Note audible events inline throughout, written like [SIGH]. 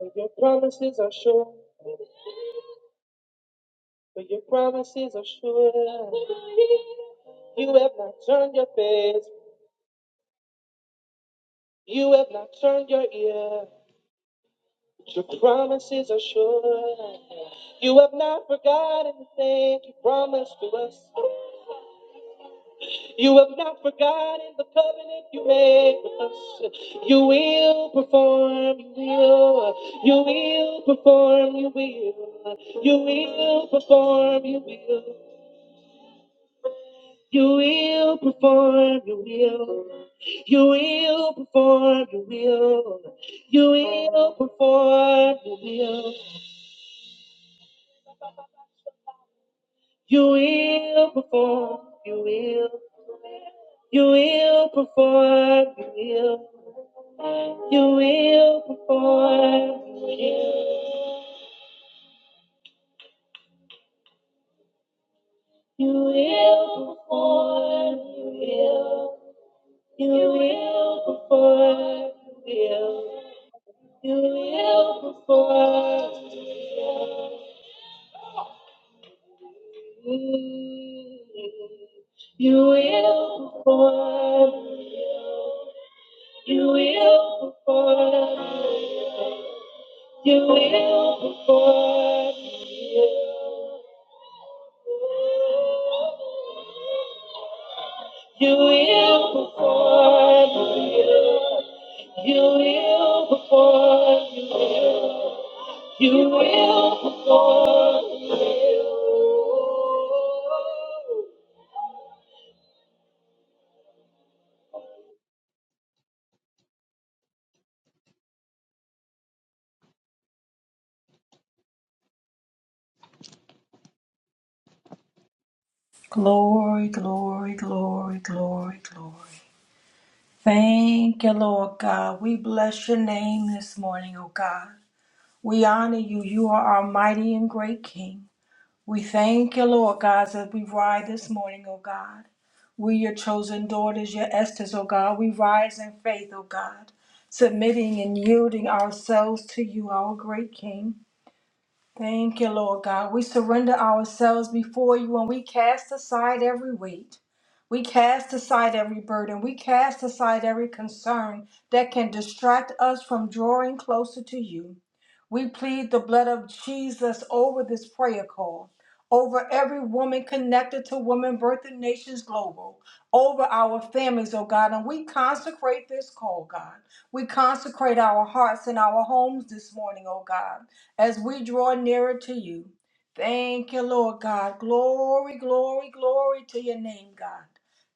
For your promises are sure, for your promises are sure. You have not turned your face, you have not turned your ear. Your promises are sure. You have not forgotten the thing you promised to us. You have not forgotten the covenant you made with us. You will perform, you will, you will perform, you will, you will perform, you will. You will perform your will. You will perform your will. You will perform your will. You will perform your will. You will perform your will. You will perform your will. You will perform your will. You will perform your will. You will perform. You will perform. You will perform. You will perform. You will perform. You will before You You will perform your will. Glory, glory, glory, glory, glory. Thank you, Lord God. We bless your name this morning, O God. We honor you. You are our mighty and great King. We thank you, Lord God, as we ride this morning, O God. We, your chosen daughters, your Esthers, O God. We rise in faith, O God, submitting and yielding ourselves to you, our great King. Thank you, Lord God. We surrender ourselves before you and we cast aside every weight. We cast aside every burden. We cast aside every concern that can distract us from drawing closer to you. We plead the blood of Jesus over this prayer call, over every woman connected to Women Birthing Nations Global over our families, oh God. And we consecrate this call, God. We consecrate our hearts and our homes this morning, oh God, as we draw nearer to you. Thank you, Lord God. Glory, glory, glory to your name, God.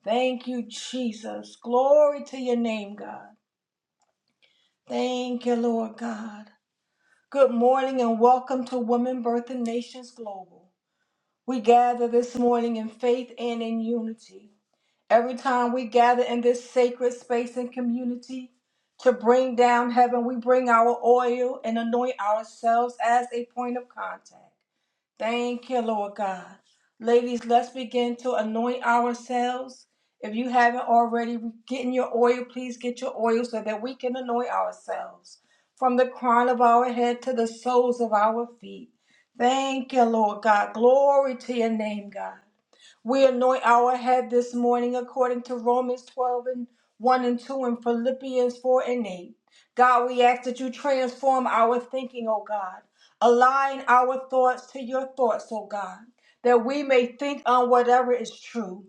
Thank you, Jesus. Glory to your name, God. Thank you, Lord God. Good morning and welcome to Women Birth and Nations Global. We gather this morning in faith and in unity Every time we gather in this sacred space and community to bring down heaven, we bring our oil and anoint ourselves as a point of contact. Thank you, Lord God. Ladies, let's begin to anoint ourselves. If you haven't already, getting your oil, please get your oil so that we can anoint ourselves from the crown of our head to the soles of our feet. Thank you, Lord God. Glory to your name, God. We anoint our head this morning according to Romans 12 and 1 and 2 and Philippians 4 and 8. God, we ask that you transform our thinking, O God. Align our thoughts to your thoughts, O God, that we may think on whatever is true,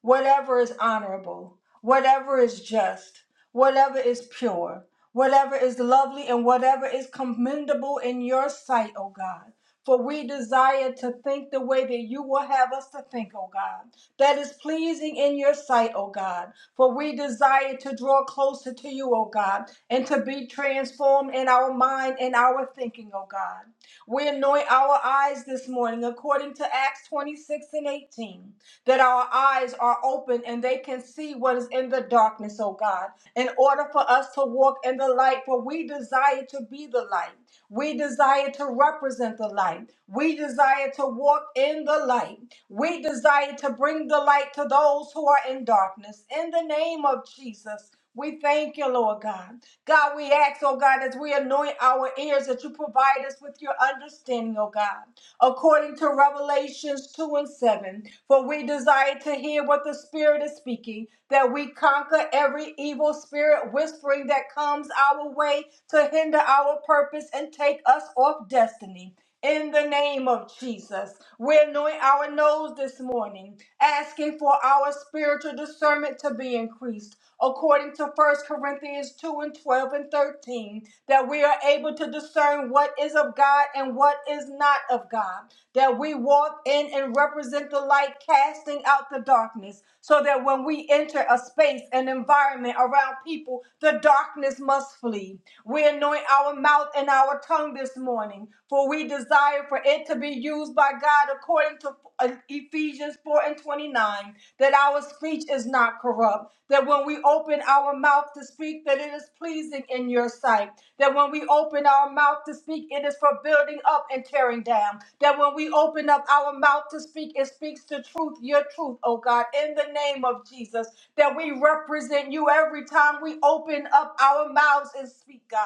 whatever is honorable, whatever is just, whatever is pure, whatever is lovely, and whatever is commendable in your sight, O God. For we desire to think the way that you will have us to think, O God, that is pleasing in your sight, O God. For we desire to draw closer to you, O God, and to be transformed in our mind and our thinking, O God. We anoint our eyes this morning according to Acts 26 and 18 that our eyes are open and they can see what is in the darkness, oh God, in order for us to walk in the light, for we desire to be the light. We desire to represent the light. We desire to walk in the light. We desire to bring the light to those who are in darkness. In the name of Jesus, we thank you, Lord God. God, we ask, oh God, as we anoint our ears, that you provide us with your understanding, oh God, according to Revelations 2 and 7. For we desire to hear what the Spirit is speaking, that we conquer every evil spirit whispering that comes our way to hinder our purpose and take us off destiny. In the name of Jesus, we anoint our nose this morning, asking for our spiritual discernment to be increased according to First Corinthians 2 and 12 and 13, that we are able to discern what is of God and what is not of God, that we walk in and represent the light, casting out the darkness, so that when we enter a space, an environment around people, the darkness must flee. We anoint our mouth and our tongue this morning, for we desire for it to be used by God according to uh, Ephesians 4 and 29 mind, that our speech is not corrupt, that when we open our mouth to speak, that it is pleasing in your sight, that when we open our mouth to speak, it is for building up and tearing down, that when we open up our mouth to speak, it speaks the truth, your truth, oh God, in the name of Jesus, that we represent you every time we open up our mouths and speak, God.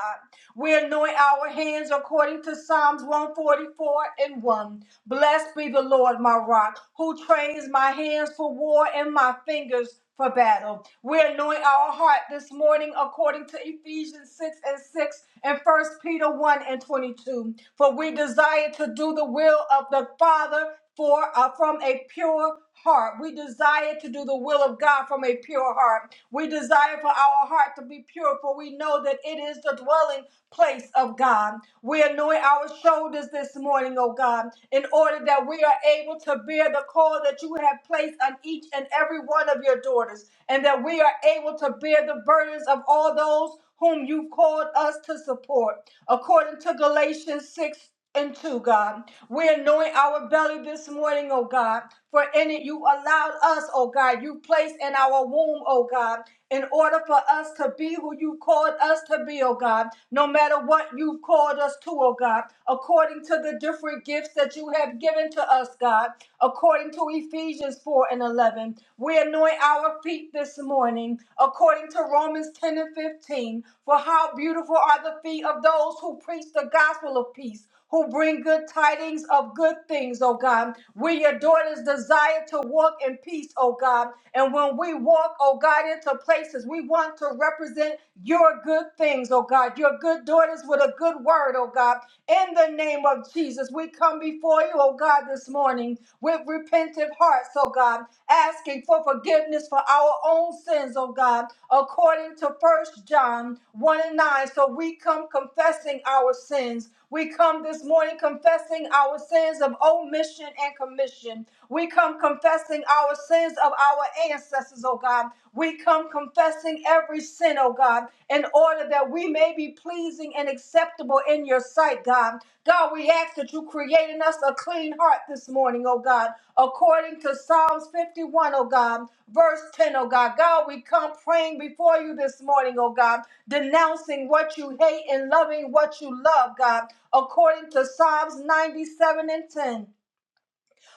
We anoint our hands according to Psalms 144 and 1. Blessed. Blessed be the Lord, my rock, who trains my hands for war and my fingers for battle. We're anointing our heart this morning according to Ephesians 6 and 6 and First Peter 1 and 22. For we desire to do the will of the Father for uh, from a pure heart. We desire to do the will of God from a pure heart. We desire for our heart to be pure, for we know that it is the dwelling place of God. We anoint our shoulders this morning, oh God, in order that we are able to bear the call that you have placed on each and every one of your daughters, and that we are able to bear the burdens of all those whom you've called us to support. According to Galatians 6 into, God. We're knowing our belly this morning, oh God, for in it you allowed us, oh God, you placed in our womb, oh God, in order for us to be who you called us to be, oh God, no matter what you've called us to, oh God, according to the different gifts that you have given to us, God, according to Ephesians 4 and 11. We anoint our feet this morning, according to Romans 10 and 15, for how beautiful are the feet of those who preach the gospel of peace who bring good tidings of good things, oh God. We, your daughters, desire to walk in peace, oh God. And when we walk, oh God, into places, we want to represent your good things, oh God, your good daughters with a good word, oh God. In the name of Jesus, we come before you, oh God, this morning with repentant hearts, oh God, asking for forgiveness for our own sins, oh God, according to First John 1 and 9. So we come confessing our sins we come this morning confessing our sins of omission and commission. We come confessing our sins of our ancestors, oh God. We come confessing every sin, oh God, in order that we may be pleasing and acceptable in your sight, God. God, we ask that that you create in us a clean heart this morning, oh God, according to Psalms 51, O God, verse 10, O God. God, we come praying before you this morning, oh God, denouncing what you hate and loving what you love, God, according to Psalms 97 and 10.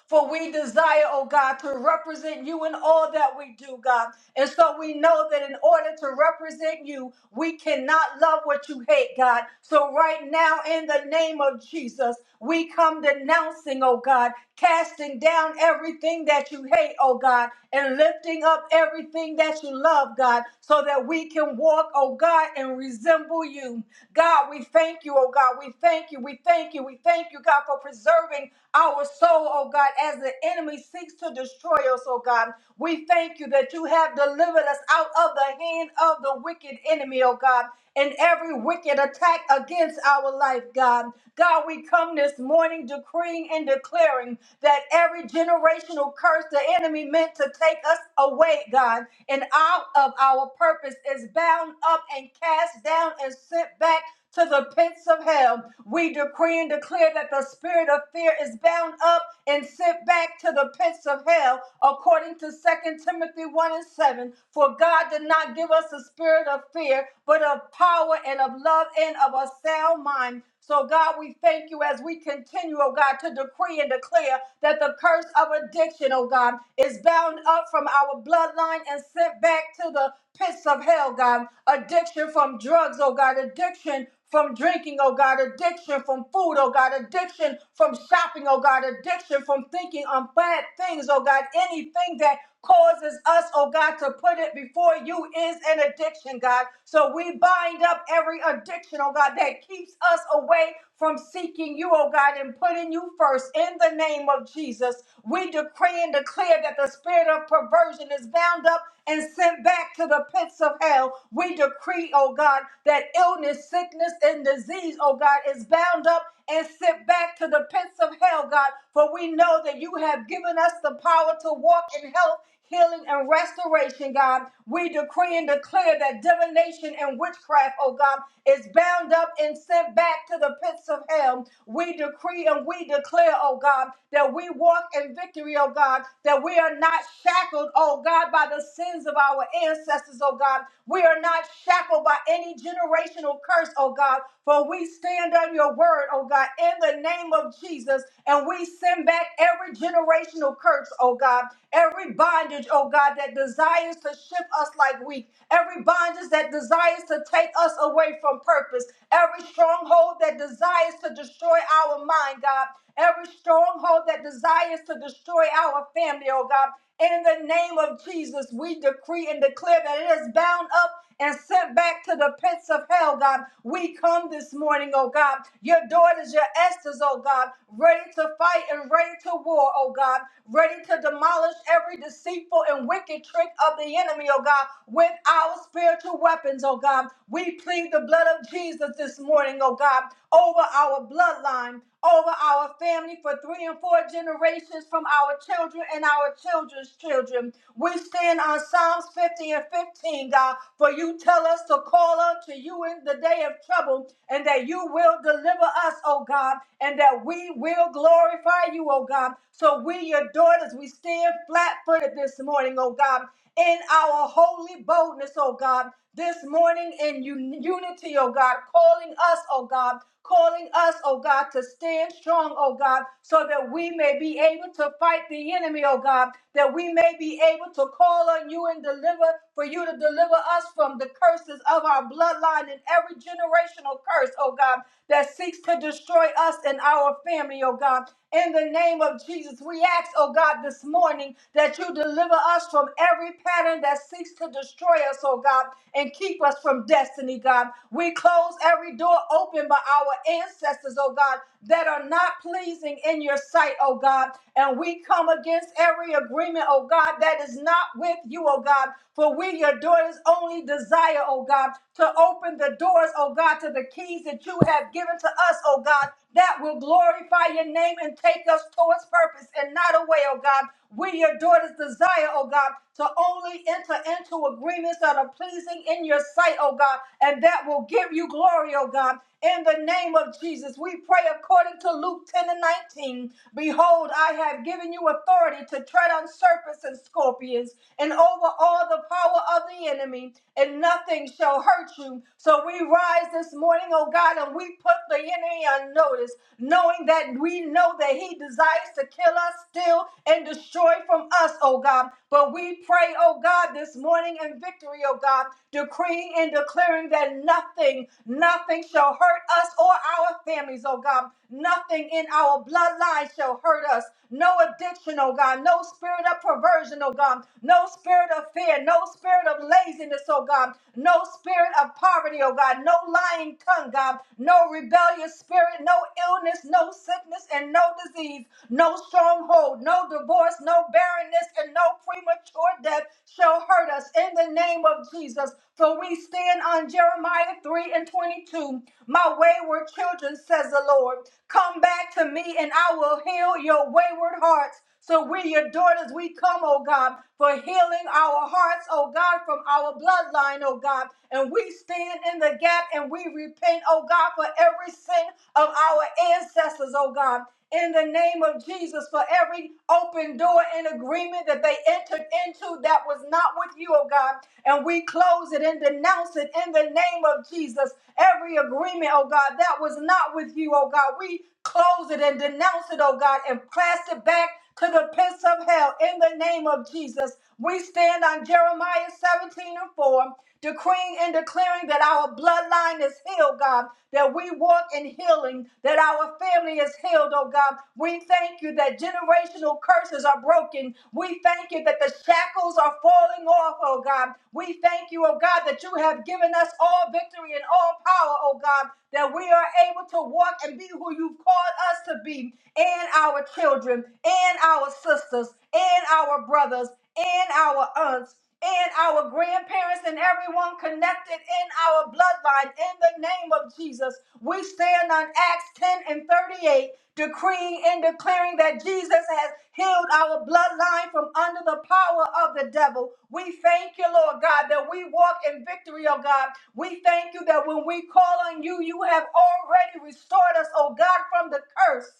For we desire, oh God, to represent you in all that we do, God. And so we know that in order to represent you, we cannot love what you hate, God. So right now, in the name of Jesus, we come denouncing, oh God, casting down everything that you hate, oh God, and lifting up everything that you love, God, so that we can walk, oh God, and resemble you. God, we thank you, oh God. We thank you. We thank you. We thank you, God, for preserving our soul, oh God, as the enemy seeks to destroy us, oh God. We thank you that you have delivered us out of the hand of the wicked enemy, oh God, and every wicked attack against our life, God. God, we come this morning decreeing and declaring that every generational curse the enemy meant to take us away, God, and out of our purpose is bound up and cast down and sent back to the pits of hell. We decree and declare that the spirit of fear is bound up and sent back to the pits of hell, according to Second Timothy 1 and 7. For God did not give us a spirit of fear, but of power and of love and of a sound mind. So, God, we thank you as we continue, oh God, to decree and declare that the curse of addiction, oh God, is bound up from our bloodline and sent back to the pits of hell, God. Addiction from drugs, oh God. Addiction from drinking, oh God. Addiction from food, oh God. Addiction from shopping, oh God. Addiction from thinking on bad things, oh God. Anything that causes us, oh God, to put it before you is an addiction, God. So we bind up every addiction, oh God, that keeps us away from seeking you, oh God, and putting you first in the name of Jesus. We decree and declare that the spirit of perversion is bound up and sent sent back to the pits of hell. We decree, oh God, that illness, sickness, and disease, oh God, is bound up and sent back to the pits of hell, God. For we know that you have given us the power to walk in health healing and restoration, God. We decree and declare that divination and witchcraft, oh God, is bound up and sent back to the pits of hell. We decree and we declare, oh God, that we walk in victory, oh God, that we are not shackled, oh God, by the sins sins of our ancestors, oh God. We are not shackled by any generational curse, oh God, for we stand on your word, oh God, in the name of Jesus, and we send back every generational curse, oh God, every bondage, oh God, that desires to shift us like weak, every bondage that desires to take us away from purpose, every stronghold that desires to destroy our mind, God every stronghold that desires to destroy our family, oh God. In the name of Jesus, we decree and declare that it is bound up and sent back to the pits of hell, God. We come this morning, oh God. Your daughters, your Esther's, oh God, ready to fight and ready to war, oh God, ready to demolish every deceitful and wicked trick of the enemy, oh God, with our spiritual weapons, oh God. We plead the blood of Jesus this morning, oh God, over our bloodline, over our family for three and four generations from our children and our children's children. We stand on Psalms 50 and 15, God, for you tell us to call unto you in the day of trouble and that you will deliver us, oh God, and that we will glorify you, oh God. So we, your daughters, we stand flat footed this morning, oh God, in our holy boldness, oh God, this morning in un- unity, oh God, calling us, oh God calling us, oh God, to stand strong, oh God, so that we may be able to fight the enemy, oh God, that we may be able to call on you and deliver, for you to deliver us from the curses of our bloodline and every generational curse, oh God, that seeks to destroy us and our family, oh God. In the name of Jesus, we ask, oh God, this morning that you deliver us from every pattern that seeks to destroy us, oh God, and keep us from destiny, God. We close every door open by our ancestors, oh God, that are not pleasing in your sight, oh God. And we come against every agreement, oh God, that is not with you, oh God. For we, your daughters, only desire, oh God, to open the doors, oh God, to the keys that you have given to us, oh God, that will glorify your name and take us towards purpose and not away, oh God. We, your daughters, desire, oh God, to only enter into agreements that are pleasing in your sight, oh God, and that will give you glory, oh God. In the name of Jesus, we pray according to Luke 10 and 19. Behold, I have given you authority to tread on serpents and scorpions and over all the power of the enemy, and nothing shall hurt you. So we rise this morning, oh God, and we put the enemy on notice, knowing that we know that he desires to kill us, steal, and destroy from us, oh God. But we pray, oh God, this morning in victory, oh God, decreeing and declaring that nothing, nothing shall hurt us or our families, oh God. Nothing in our bloodline shall hurt us. No addiction, oh God. No spirit of perversion, oh God. No spirit of fear. No spirit of laziness, oh God. No spirit of poverty, oh God. No lying tongue, God. No rebellious spirit. No illness, no sickness, and no disease disease, no stronghold, no divorce, no barrenness, and no premature death shall hurt us in the name of Jesus. For we stand on Jeremiah 3 and 22. My wayward children, says the Lord, come back to me and I will heal your wayward hearts. So we, your daughters, we come, oh God, for healing our hearts, oh God, from our bloodline, oh God. And we stand in the gap and we repent, oh God, for every sin of our ancestors, oh God in the name of Jesus for every open door and agreement that they entered into that was not with you, oh God. And we close it and denounce it in the name of Jesus. Every agreement, oh God, that was not with you, oh God. We close it and denounce it, oh God, and cast it back to the pits of hell in the name of Jesus. We stand on Jeremiah 17 and 4, decreeing and declaring that our bloodline is healed, God, that we walk in healing, that our family is healed, oh God. We thank you that generational curses are broken. We thank you that the shackles are falling off, oh God. We thank you, oh God, that you have given us all victory and all power, oh God, that we are able to walk and be who you've called us to be in our our children and our sisters and our brothers and our aunts and our grandparents and everyone connected in our bloodline in the name of Jesus. We stand on Acts 10 and 38, decreeing and declaring that Jesus has healed our bloodline from under the power of the devil. We thank you, Lord God, that we walk in victory, oh God. We thank you that when we call on you, you have already restored us, oh God, from the curse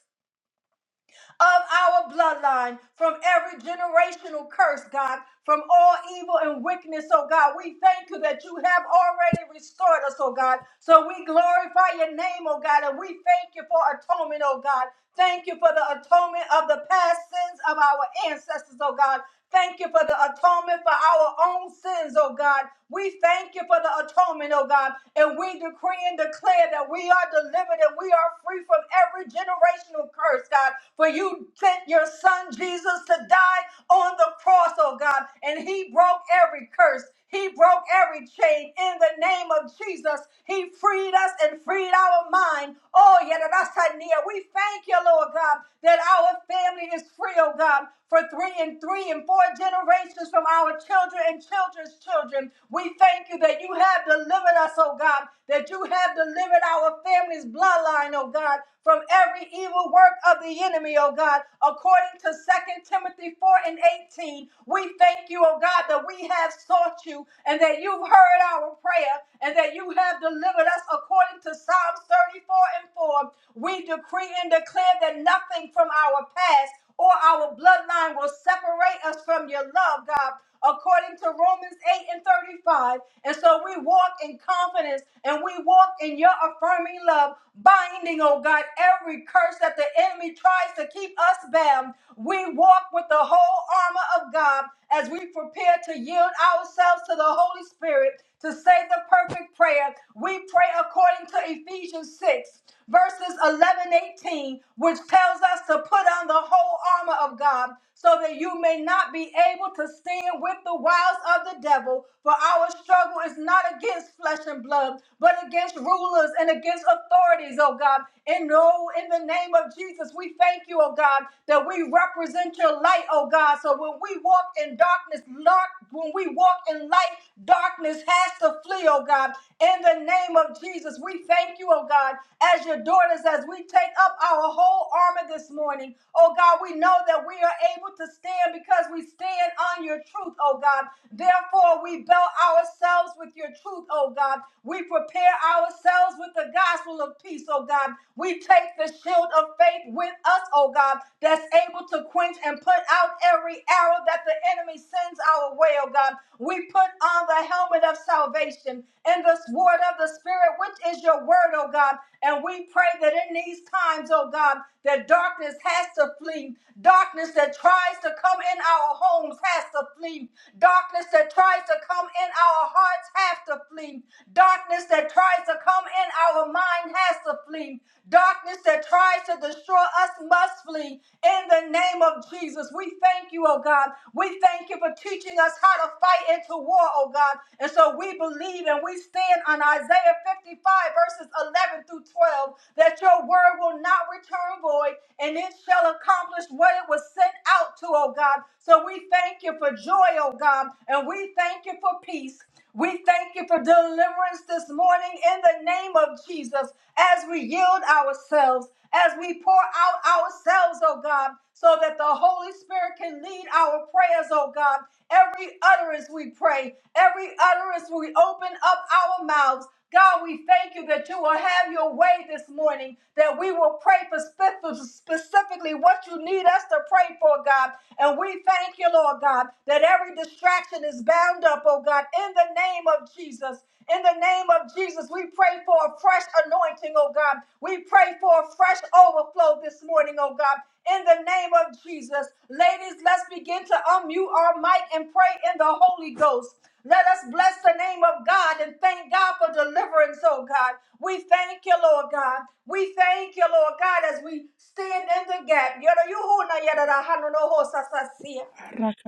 of our bloodline from every generational curse, God, from all evil and wickedness, oh God. We thank you that you have already restored us, oh God. So we glorify your name, oh God, and we thank you for atonement, oh God. Thank you for the atonement of the past sins of our ancestors, oh God. Thank you for the atonement for our own sins, oh God. We thank you for the atonement, oh God. And we decree and declare that we are delivered and we are free from every generational curse, God. For you sent your son Jesus to die on the cross, oh God. And he broke every curse. He broke every chain in the name of Jesus. He freed us and freed our mind. Oh, yeah, that's a We thank you, Lord God, that our family is free, oh God, for three and three and four generations from our children and children's children. We thank you that you have delivered us, oh God, that you have delivered our family's bloodline, oh God, from every evil work of the enemy, oh God, according to Second Timothy 4 and 18. We we thank you, oh God, that we have sought you and that you've heard our prayer and that you have delivered us according to Psalms 34 and 4. We decree and declare that nothing from our past or our bloodline will separate us from your love, God, according to Romans 8 and 35. And so we walk in confidence and we walk in your affirming love, binding, oh God, every curse that the enemy tries to keep us bound. We walk with the whole armor of God as we prepare to yield ourselves to the Holy Spirit to say the perfect prayer. We pray according to Ephesians 6, verses 11 18, which tells us to put on the whole armor of God so that you may not be able to stand with the wiles of the devil. For our struggle is not against flesh and blood, but against rulers rulers and against authorities, oh God. And oh, in the name of Jesus, we thank you, oh God, that we represent your light, oh God. So when we walk in darkness, dark, when we walk in light, darkness has to flee, oh God. In the name of Jesus, we thank you, oh God, as your daughters, as we take up our whole armor this morning. Oh God, we know that we are able to stand because we stand on your truth, oh God. Therefore, we belt ourselves with your truth, oh God. We prepare ourselves with the gospel of peace, oh God. We take the shield of faith with us, oh God, that's able to quench and put out every arrow that the enemy sends our way, oh God. We put on the helmet of salvation and the sword of the Spirit, which is your word, oh God. And we pray that in these times, oh God, that darkness has to flee. Darkness that tries to come in our homes has to flee. Darkness that tries to come in our hearts has to flee. Darkness that tries to come in our mind has to flee. Darkness that tries to destroy us must flee. In the name of Jesus, we thank you, oh God. We thank you for teaching us how to fight into war, oh God. And so we we believe and we stand on Isaiah 55, verses 11 through 12, that your word will not return void and it shall accomplish what it was sent out to, oh God. So we thank you for joy, oh God, and we thank you for peace. We thank you for deliverance this morning in the name of Jesus as we yield ourselves, as we pour out ourselves, oh God so that the Holy Spirit can lead our prayers, oh God. Every utterance we pray, every utterance we open up our mouths. God, we thank you that you will have your way this morning, that we will pray for spe- for specifically what you need us to pray for, God. And we thank you, Lord God, that every distraction is bound up, oh God, in the name of Jesus. In the name of Jesus, Jesus, we pray for a fresh anointing, oh God. We pray for a fresh overflow this morning, oh God. In the name of Jesus, ladies, let's begin to unmute our mic and pray in the Holy Ghost. Let us bless the name of God and thank God for deliverance, oh God. We thank you, Lord God. We thank you, Lord God, as we stand in the gap. Yada yuhu yada da hanu no ho sa sa siya. Arrakasta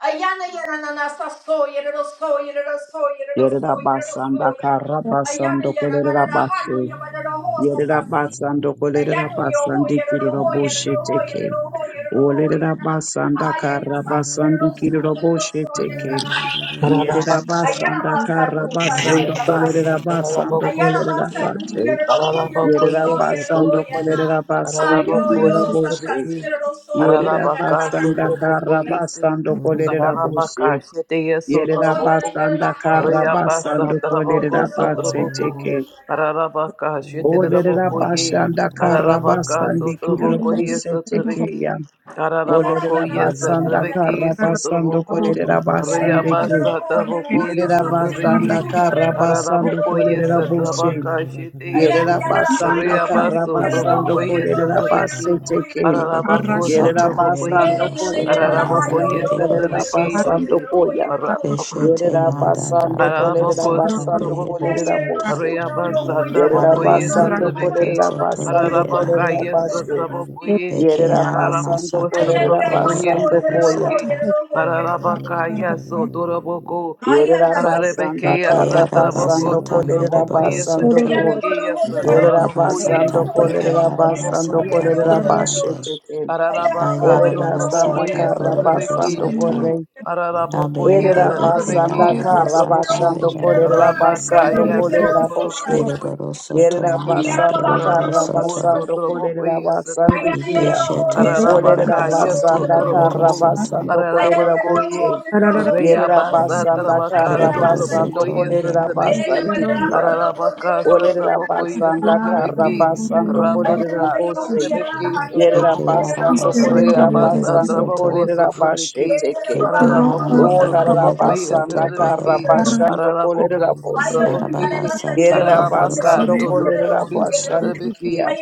Ayana yana na na sa so yere ro so yere ro so yere so Yerera yere so basanda ya. kara Ayana basando yana ba da kolerera hanu base. ya ba da da ho Rosha sa Yerera sa si. basando kolerera Ayana yo ho basandi yere ro kiriro ho yere ro boshe ho yere teke. ro ho yere ho yere Olerera na. basanda Ha ya ya kara sa si yere ro basandu so kiriro yere boshe so yere na teke. na na sa si ya. Arababa, Yerera Ayana basanda ba sa kara nu sa na Rea basando ya sa basa, kolerera si basando Pararaboco Ayana ba kolerera sa City, ni base. yere ro hu yere ro Pararaboco, Yerera so yes, at basando Rebeki, na. kolerera basandi Ayo Pararaboco, kiriro yo sa boshe. sa si Sutrebeki, yere ro so Yerida yere ga da da Pararabaca, ha basanda kara Sutreboco, yes, basando kolerida Pararabaca, bose. Shetea, Yerida Yeah, Sutroboco, basanda kara Rea basa, basando Taraboco, kolerida base Sutroboco, teke. Pararabaca, Olerida Sheteboco, ye, basanda kara Pararabaca, basandi kirida Sutroboco, yes, bose at teke Rebeki, ya. Olerida Pararaboco, yes, at basanda Rebeki, kara basando Sutroboco, kolerida Rea basande ke. basa, Taraboco, yes, Yerida at basanda Rebeki. kara basando Ararabokoyes kolerida at bose. Rabakashiteyesu, Yerida basanda kara Reabaso, basando Trabokoyes at kolerida Rebeki, base teke. Delibado Ararabakos at Yerera sata Trabokoye, basando melibado soto kolerera manda basando Ararabokoyes at delibado kolerera Rebeki, soto. Shite, basando koya. Beshete Yerera manda basando darabada kolerera Paralabocos, sata basando behero Noboku, kolerera sata. boshe. Reabasa, Yerera Tabokoye, Kabiyende basando behero Setebeki, kolerera soto basando Paralabaca, kolerera beherande. yes, bashe. Trabokoye, Yerera Bekeara basando Paralabocos, masata kolerera Ayanda loko Shut yoko Trabokoye, basando yorobado yeroho koya. Setebeki, sata. yeroho yeroho. Paralabaca, yes, Toraboko, Yerera Ayanda Paralabeke, basanda yes, yoko. kara Bekeara Trabocos, basando basata kolerera melibado Trabokoye, basando soto. Ayanda ko. Setebeki, goroho yes, yeroho yeroho Yerera Darabada Trabokoye, basando sata yeroho kolerera bekeara basando yeroho yeroho Ararabocoia masata kolerera yeroho. Satrabeki, bashe beherande. teke. Ayanda ho Ararabaca, Olerera Ayarabada yeroho sanda Sotrabocoia sata yeroho kara borobado Satrabeki, yeroho basando Shitty, sata. yeroho. Ararabocoia Ayanda Abeyende Yerera goro beke ho basanda Satrabeki, yara kara masata Sotraboco, basando yeroho kolerera beherande. Rabaca, basando Yasu, kolerera boshe. Torabocoia Deriboro soto Yerera Satrabeki, manda yeroho basanda beriboro kara Araraboco, soto. basando kolerera Sotrabocoia basandi Satrabeki, kia. Ibeshete Thank up. Kolerera Ararabaca, you. zarabara yeroho sata Yasu, Get basanda buhoro yeroho. kara Toraboco, soto. basando kolerera Ararabacoia. boshe. Rey Yerera abasa basanda trabaca kara sotra Eriboro boco basando soto y esa kolerera meherande. trabequi. basandi kia. Ararabaca sotra Kolerera boco y esa basanda kara trabequi. basando kolerera Rabaca sotra boshe. bequi sotra Yerera Eke boco. yara basando Rey basata kolerera abasa mehero basando soto. trabaco kolerera sotra bashe bequi. Eke yara Ararabaco manda sotra boco behero y esa soto Orarabasanda trabequi. beherande. karabashando kolerera Ararabaco sotra bose. boco Darabara y sata buhoro Ararabaca Yererabasando soto. sotra kolerera boco y esa trabequi. bashandikia.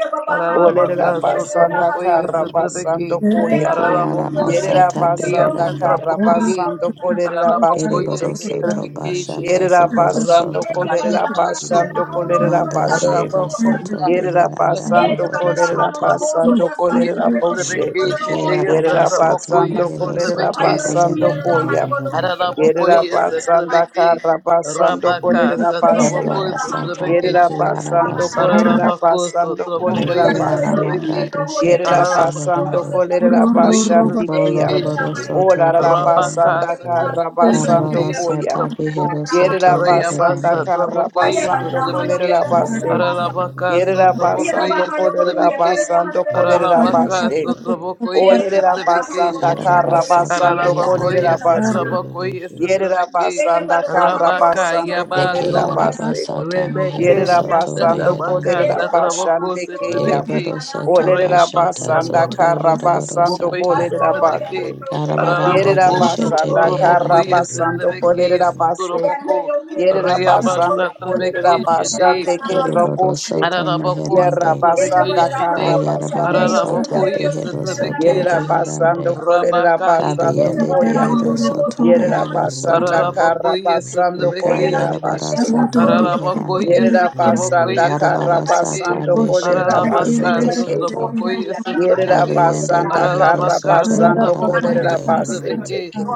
Olerera Ararabaca sotra basanda boco y kara esa basando trabequi. koya. Beke yara Ararabaco Yerera masata y basanda esa beherande. kara trabequi. basando kolerera Hallelujah. bashe Ararabakoye Eriboro teke. soto sentrabekeshete. bashata Yerera zohoro basando soto. Rabakaya kolerera baso. basando kolerera Manda bashe. dehero soto Ararabakoya. Yerera beheranda basando Rekasa bohoro kolerera trabako soto. basando sutrabakoye kolerera it, boshe. Deke sentrabekeshete. Yasa araba Yerera sata trabakoye basando mehero kolerera sentrabeke. soto Horror, Hallelujah. basando beherande. koya. Yerera Ararabokoye basanda Satrabeke, kara basando Rabaka Arara kolerera base. Satrabokoye Arabara sata Satrabeke, Yerera beke araba basando sata. kolerera Ararabako basando bakar Deke kolerera bakar Satrabokoye base. aramanda Satrabeke, doshete Yerera Ararabaka basando seherande. kolerera Satrabokoye Iko bashandikia. Satrabeke, loroboro Ola soto rara Rabaka beherande. basanda kara Satrabeke, basando Arabara koya. sata Satraboko, behero soto Yerera basanda Rayabasa beherande. kara Trabokoye Ella para basando la mano, kolerera Satrabeke, bakar base. Ararabaka Yerera Satrabokoye basando kolerera Satrabeke, basando kolerera Ararabaka base. Satrabokoye Olerera basanda Satrabeke, Darabara kara basando Ararabako kolerera beherande. yesa base. trabako yesa Yerera trabeki. basanda kara Rabaka basando Deke kolerera yabaso. araba base. Rebeke mehero Yerera soto yasa basando tabaka beherande. kolerera satrabako Thank basande keya. satrabeki. Deriboro soto Olerera bashata Rayabasa basanda zoto trabako kara yoroboro basando satrabako sata. yesa kolerera trabeki. base. Karabaranda Yerera Ararabako beshete basanda sotorabako kara beherande. yesa basando trabeki kolerera yesa base. torabako. Thank Yerera Rayabasa you. basando trabeki kolerera shete. basande kerera Deriboro boshe. soto Ararabako Yerera meherande. satabeke basanda shete. kara Kayarabara basando Ararabako koya. sata yes behero satabeke soto Yerera shete. basando beherande. kolerera Rabaka yes basando Kabiyende koya. satabako behero soto satabako. Yerera behero basanda you. soto. Ararabako karra yes basando Duka satabeke kolerera shete. yarabara bashe. sata Aralabakoye beherande. Yerera Satrabokoye basanda karra Yarabara Satrabeki. sata basando kolerera beshete Aralabaka bashe behero teke. soto. Satrabokoye Yerera Satrabeki. Kabiyende basanda behero karra Aralabaka soto basando Satrabokoye kolerera larabarande. bashe Satrabeki. teke. bakar.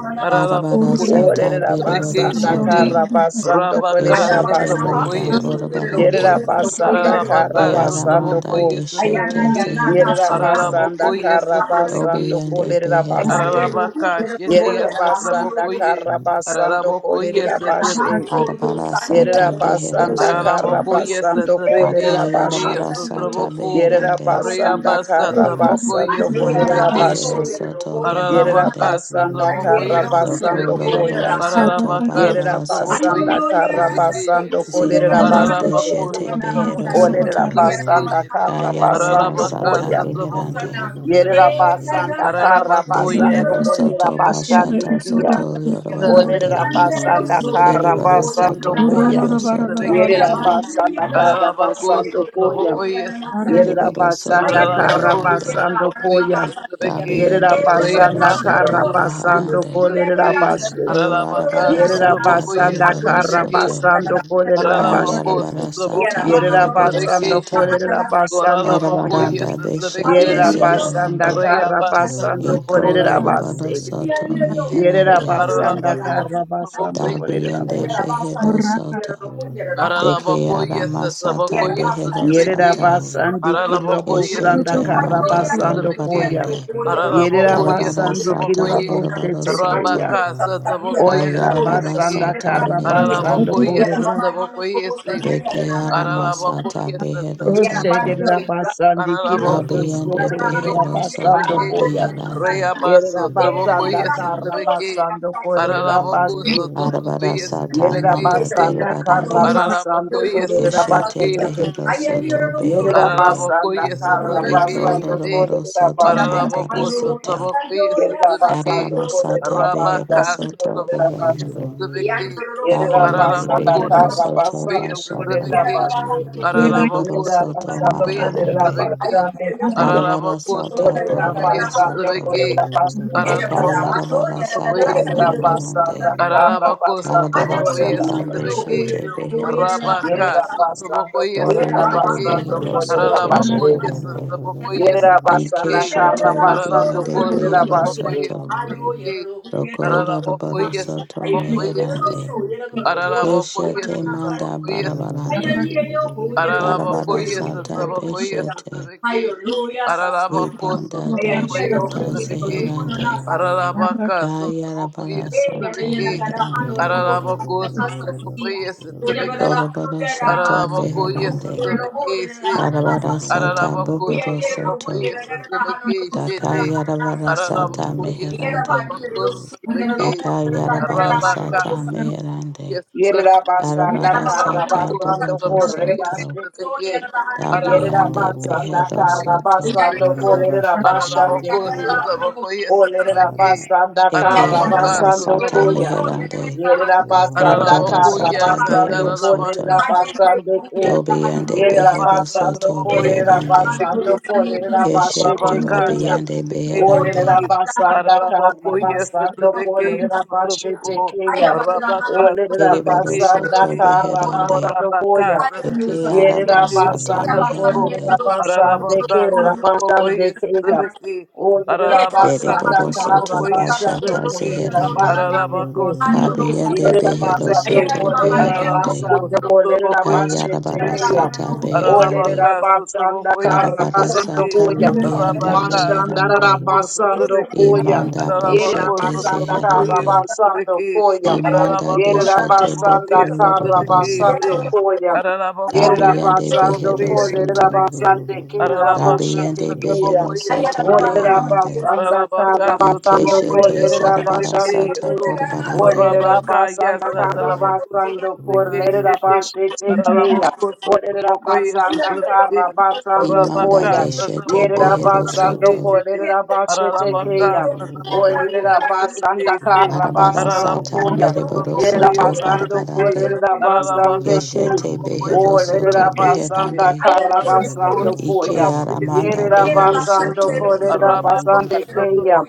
Horror, Darabara Aralabokoye sata Olerera Satrabeki beriboro basanda Shiti. sata. karra basando Rabaka kolerera Keshete bashe. manda Satrabokoye Satrabeki. Yerera borobarande. basanda Hallelujah. Aralabaka karra Keara basando manda Satrabokoye ko. deshete Ayana Satrabeki. yana na zehero Yerera pasang soto. basanda tuloy Aralabokoye ba karra bahana na Satrabeki basando Dobiyande Shiti. pasiyan. kolerera Ay bashe. kaya beherande. lobo Aralabaka pero lobo Shiti Yerera ya na bahana basanda lobo sa Satrabokoye. na karra basando Aralabokoye Eja kolerera madaha bashe. Satrabeki. so yo Arabara saniya Yerera sata yo saniya behero yo basanda kara soto. Araraboko saniya. basando Eja yesatabeki kolerera shiti madaha bashe. Akayarabara saniya yo sata yesataboko saniya yo Yerera beherande. saniya na basanda Rayabasa kara saniya. taboko basando Ande ya Manda kolerera raha yesatabeki so behero bashe. yo shiti soto ya na Yerera saniya. Ararabaka beherande. basanda sotaboko kara Ayeno, Doko yero basando yesatabeki goyera koya. la loroboro hana la soto sani. Ararabaka Yerera barabara Ano sotaboko sata. basanda lo kara yera yesatabeki sanje basando shiti yusule kolerera wele la Zimanda hana bashe lo lo Ararabako teke. deshete sabada ha behero sotaboko sani. Olerera soto. Yera yesatabeki mama basanda shiti lo kara lo Kayarabara basando Thank Ararabaka lo sata koya. lo sotaboko you. beherande. E Yerera yesatabeki la ja basanda sanje kara Ararabako yusule yeah. basando wele Deriboro lo kolerera soto sanje yusule bashata wele la hana bashandikia. soto sani. Olerera yorobarande. lo Arabacos, basanda sanje kara lo Geriboro goyera basando soto la koya. behero sani. soto. Ayera Yerera ba basanda yera kara lo lo basando lo koya. goyera la sani. Yerera Geriboro soto basanda kara beherande. basando koya. Yerera Dabiende behero basanda kara soto basando baharande. kolerera bashe. Golarabara Yerera sata basanda beriboro kara soto. basando kolerera bashe. Kayarabara sata Yerera meriboro basando sata. kolerera basando koya. Larabaranda beshete Yerera basanda seherande. kara basando Iko kolerera lorabara bashe. Trabocoyes, soto Yerera meherande. basanda Ararabaka kara sutra boko basando hiye kolerera Dabiende bashe. behero soto. Hallelujah. Deke ara Ararabakoye masata Yeah, satabakoye behero satabeki. sata Yerabasandi Ararabakoye Kirobosanda keshete manda satabakoye Karabasando satabeki. Koya. dorobarande Ararabakoye karabara Yerabasandi sata satabakoye. Kiroboste borobaro soto Tekeya. Rabaka satabakoye kayarabara satabeki. Olerabasanda sata Thank Karabasando mirabarande Ararabakoye Koya. satabakoye si. beke you. ara masata Ararabakoye behero satabeki soto shidi. Olerabasandi Ararabako dabeyende Kiroboste satabakoye behero soto Tekerabasando satabeki. Koya. beherande Reyaba Yerabasanda satabakoye satabeki. Karabasando Ararabako Thank Kolerabasti. arabara satabakoye sata satabeki manda si. Yerabasanda deribarande Ella Karabasando Ararabakoye keshete Kolerabasti satabeke Tekeya. behero satabeke. soto beherande Yerabasanda Ararabakoye satabeke Iko Karabasando shite. lorobaro soto Kolerabasti Ararabako marabara Tekeya. sete satabakoye Yerera satabeke. basanda Tarabara sata kolerera behero Rabaka basanda soto kolerera satabakoye bashe. beherande. satabeke. Yerera Kabiende basanda Ararabako behero kara soto satabakoye basanda kolerera bashata. satabeke. bashe. Ararabako Deriboro Yerera soto basanda satabakoye kolerera marabarande. satabeke. basanda kuya. Tarabara Ararabako sata Kolerera satabakoye boroboro basanda soto. satabeke. kolerera basanda Ararabako kuya. Dakayarabara satabakoye sata Kolerera satabeke. basanda mirabarande. para kara Ararabako basanda Tarabara sotraboko ye Hallelujah, kolerera sata bashe. sotrabeki. beshete behero Arabaka soto. Yerera sotraboko basanda ye kolerera Dobiende sotrabeki. basanda behero kolerera soto Ararabako bashe. ye beherande. sotraboko ye Yerera sotrabeki. basanda kara Ikeshete basanda Ararabako ribiende kolerera behero sotraboko bashe. ye soto. sotrabeki. Hallelujah, Dokolo Ararabako rabaro ye soto sotraboko ye si. meherande. Ararabako ye Keshete manda sotraboko ye sotrabeki. barabarande. Ararabako ye Karabarasata sotraboko ye beshete. sotrabeki. Ararabako Vipanda sotraboko ye dashata Hallelujah, sotrabeki. zeherande. Hallelujah, Ararabaka, Sotobokoye, Then yeah, Kayarabarasata Sotobeki, meherande. Ararabako, Sotobokoye, Sotobeki, Koroborosoto Ararabakoye, beherande. Sotobeki, Si, Karabarasata Ararabako, Sotobokoye, buhorosoto. Sotobeki, Shete, Dakayarabarasata Ararabaku, yes, meherande. Rabaku, Sotobeki, Arabaka, Dakayarabarasata Sotoboku, meherande. yes, Sotobeki, Yerabasanda Karabarasata Ararabaku, Karabasando Sotoboku, yes, buhorosoto. Sotobeki, Korebashiteke. Ararabaku, Dabeyande Yerabasanda Sotoboku, yes, beherosoto. Karabasando Thank Sotobeki, Kolerabashande Ararabaku, Kuya. Sotoboku, yes, Sotobeki, Olerabasanda yeah, Eke Ararabaka, araba Karabasando sata Sotoboku, Koya. yes, meherande. Yerabasanda Arabada Araraboko, yes, sata behero Karabasando soto. Ararabaka, Kolerabashande Sotoraboko, Kuya. Dobiende behero Reabasa, Yerabasando soto Taboko, yes, the beherande. Kolerabasando vacation, Keshete Rabaka, Kolerabashiteke. rabiende beherande. Olerera Satabakasity, basanda kana Araraboko, you. yes, basando the vacation, kolerera Sotoraboko, bashetekeya. Rabaka, Olerera Eriboro basanda soto Satabakasity, kara beherande. basando Orabaka koya. Eke Satabeki, araba Yerera Shitia sata basando Satabako, meherande. kolerera basande Arabaka kerera basande Satabokoi keya. Satabeki, Olerera Arabaka basanda Deriboro kara soto Satabokoi basando bashata Satabeki, kolerera zeherande. basheteke. Arabako Hallelujah. Kabiende Satabokoi behero Yerabasando Satabeki, soto Polera beherande. Arabako Basando Polera Satabokoi Kayarabara Satabeki, Bashetekeya. sata beherande. Arabaka Olera Basanda Satabokoi Karabara Karabasando Satabeki, sata Koya. ribiande Rabaka beherande. Mashandara Sataboko Basando Satabeki, Koya. Imanda Arabako boshete Yerabasanda Satabokoi zeherande. Karabasando Satabeki, Koya. Imanda Ararabako deshete sotraboko boko Yerabasanda yesotrabeke se. Karabasando lorobarosata. Koya. Ararabako Dabiende Yerabasando yesotraboko Russia, behero Polera soto. yesotrabeke. Basande Kira Ararabaka Dabiende Bushetekeya. sotraboko behero soto Olera yesotrabeke. beherande. Basanda Ararabaka Karabasando sotraboko Ikeshete Polera yesotrabeke zarabarasata Basande yeso. borobarande. Olerera Arabaka basanda yasa kara taraboko Hallelujah. basando sotrabeke kolerera shete. bashete keya. Ararabako Olerera sotraboko basanda yesotrabeke. kara basando Imanda Arabaka koya. deshete sotraboko Yerera behero basando sotrabeke soto. shete. kolerera bashete Ararabaka keya. sotraboko Olerera basanda yesotrabeke se. kara basando Arabarasata Ararabacos, koya. otro mereboro boco Yerera y soto es basando barabarande. kolerera basande keya. Keshete behero soto Olerera basanda beherande. kara basando Ike koya. aramanda Yerera dohoro basando soto. kolerera basande keya.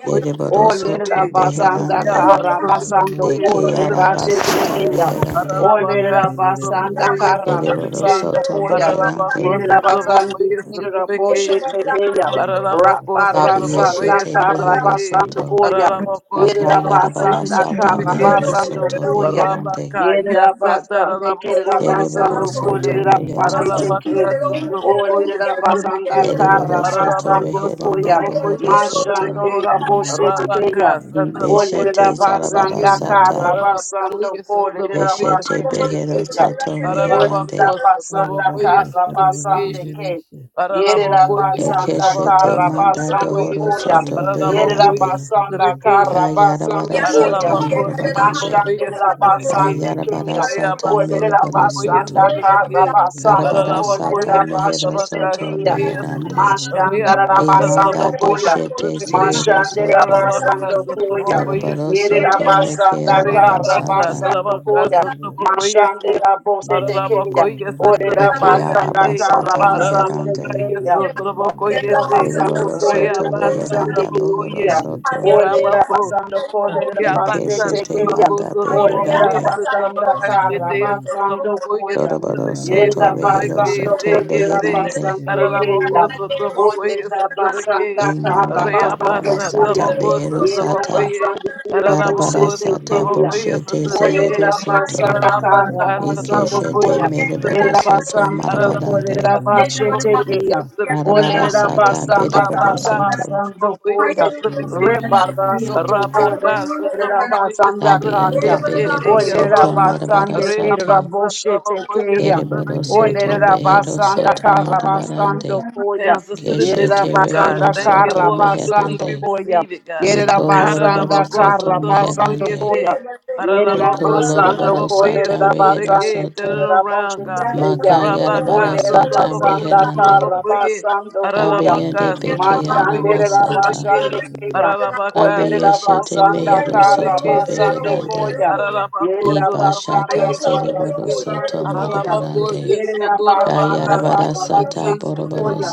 Olerera Deriborosoto basanda Beherande, kara basando De kore bashete Kearabasata Thank keya. Beherande, Ay, Olerera basanda kara basando Deriborosoto koya. Beherande, Yerera basandi kirera boshete keya. Rabara Dabi sanda Yeshete otro kara beque. basando Beherosoto, koya. Ararabakos, Yerera Trabocoyes, basanda Dakayarabarasata kara Trabecation, basando Meherosoto koya. Beherande, Rabaka, Yerera yes, basande kerera Taranabakos, basando Trabocoye, Deriborosoto kolerera bashete Hallelujah. Beherande, keya. Ararabacas, Olerera Trabocoyes, basanda Trabeke, kara Deriborosoto basando Ararabakos, Beheranda koya. Trabocoyes, Mashando Bohorosoto, Trabeke, raboshe tekeya. Rabaka, Satrabokoye, Beshete Olerera basanda Satrabeki, kara Zarabarasata, basando Aranabokoye, kolerera Satrabokoye, bashe Beshete Satrabeki, tekeya. Beherosoto Aranabako, Olerera Meherande, basanda Satrabokoye, kara Satrabeki, basande Shitty, ke. Yerera Aranabokoye, Yeah, basanda Satrabaka, Ekeshete kara Manda basando Satrabokoye, koya. Dohorosoto Yerera Aranabokoye, Beherande, basanda Satrabeki, kara you. Shitty, basando Kayarabara koya. sata Aralabacos, morabarande. Tobocoyes, Mashandera Trebeke, basande Kayarabara keya. sata Reabas, Olerera merebaro Tobocoyes, basanda soto. kara Trebeke, basando Karabara kolerera sata Aralabacoyes, mehero bashete soto Tabacashi, keya. Teasu, beherande. Mashandera Reabas, basando Imanda koya. Tabacoyes, doshete Trebeke, sehero Mashande soto. Rabasando Aralabacas, Koya. Tobocoyes, Dorobaro Yere soto yeah, Trebeke, meke Rabasanda Reabas, arabasata. Karabasando Tabacas, Koya. Tobocoyes, Mashande yeah. Rabose Tekeya. Aralabacoyes, Ore I got Eke lots Trebeke, of Rabasanda Shete, arabasata emotions. Karabasande meherande. Aralabacayes, Keya. I got Ore Tobocoyes, lots Rabasando Erebaro of Kore songs. I soto got a Reabas, lot Rabasande beheranda bohoro Keya. Tabacoye, of soto. Ore ideas. Aralabaco, Rabasando Kore Rabasande Arabacas, Ikeshete Tekeya. Trabocoyes, manda Ore beherande. I Rabasanda got Russia. Karabasando ideas. Koya. Thank Dorobaro you. Yere soto behero Rabasando soto Kore beherande. Rabasande Keya. Ole rabasanda Imanda karabasando darabara kuya. sata behero Yere sata rabasando kira darabara boshete sata keya. boshete Olerera zehero Trabeque, soto basanda kara Arabacas, basando ikeshete koya. merebaro Yerera soto basando marabarande kolerera bashetekeya. Trabocoyes, darabara Olerera Sutrabekeshete. sata basanda berebaro kara Rabaka soto basando Sutrabokoye koya. Sutrabekeshete. Rebarra soto Rabaka kolerera Sutrabokoye basanda kaya. dabiende Sutrabekeshete. behero Yes, Olerera soto Lord. marabara basande kera sata Reabasa Sutrabokoye boshetekeya. Hallelujah. derebaro Sutrabeke. soto Olerera Believe you behero receive basanda soto kara basando marabarande koya. answers to the Yerera keshete mysteries, God. basanda rehero Thank you, kara soto Lord. We believe basando we meherande koya. receive it, God. Yerera iko basanda lorobaro Haralabokoso, kara soto basando meherande koya. trabokoyese. Thank iko Haralabokoso, Yerabasando lorobaro sata trabokoyese, rehero Koderabasande trebeke. Turn soto it around, Koderaboshe God. Tekeya. Makayarabara Rabakaso, sata Oderabasanda trabokoso, beherande. trabokoye. Karabasando Koya. Kabeyende Haralabakaso, beke ara trabokoyese, masata. trebeke. Matanderabasande Keya. Haralabakaso, Kabeyeshete Oderabasanda trabokoyese, mehero soto trebeke. Karabasando Shete. beherande. Koya. Haralabakoso, Yerabasanda Ibashata trabokoyese, cerebro trebeke. Karabasando soto Koya. marabarande. Yere Haralabakoyeso, la basanda dorabakaso, Kayarabara kaba sata trebeke. basando Shete. boroboro koya.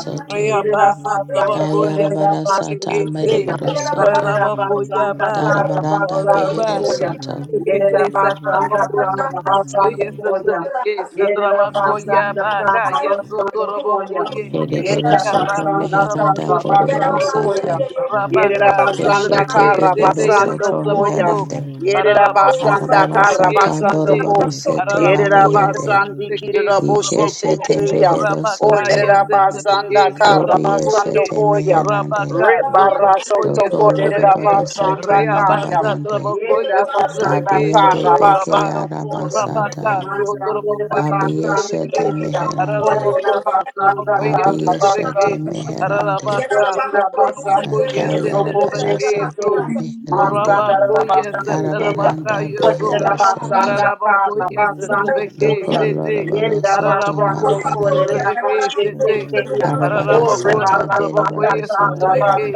Yere Rea Yerera basa Reabasa basanda Tabakoya kolerera Kayarabara basanda sata Satabekese keya. mereboro Thank Kolerera soto. you. Parabakoya basanda Ba kaba basanda kara Darabaranda basando Oraba behero koya. soto. Yerera Kebekesa basanda Tabako kaba basando Sotabakoya koya. Satabekesa Yere la Tabakoya basanda Ba kaba Kaya you. basando koya. Thank Sotorabakoye Yere Kereboro la soto Reabasa basanda Tabako meheranda kaba boroboro basando Sotabako koya. sata. Yere la Rabaka basanda Satabeke Keshete kaba behero Seteya you. basando soto koya. Satabako meherande. Yerera Parabako basanda Arabara kara Satabeke sata basando Shete kom. boroboro sete Yerera Ararabako, yes, labiende. at the basandi kirira vacation, boshe Trabako, Ikeshete tekeya. behero Rabaka, soto. Olerera yes, at the basanda vacation, kara Dobi Trabako, basando ye, eshete koya. meherande. Rabaka, Rebara Sotrabako, soto yes, Doko at the kolerera loroboro vacation, basanda soto kaya. Reabasa, marabarande. Trabako, Yerera yes, at the basanda vacation, Dabiende do kara beke Rabba, basando koya. Rabaka, arabasata. Masandera Sotrabako, yes, at the basanda Abiyeshete vacation, keya. meherande. Ararabako, Olerera Thank basanda Sotrabako, yes, kara at the you. Abiyeshete vacation, basando koya. meherande. Ararabaka, Ordered Thank it up, Sotrabako, yes, at the Akayarabara vacation, sata so, meherande. Rabako, yes, at the Rabaka, Karabaranda yes, so. behero soto. Sandaka, Ararabacoia, Whatever Satrabeque, Doko Sete, loroboro soto Ararabacoia, marabarande. Satrabeque, Sete, Arabara Ararabaco, sata beriboro Satrabacoia, soto. Satrabeque,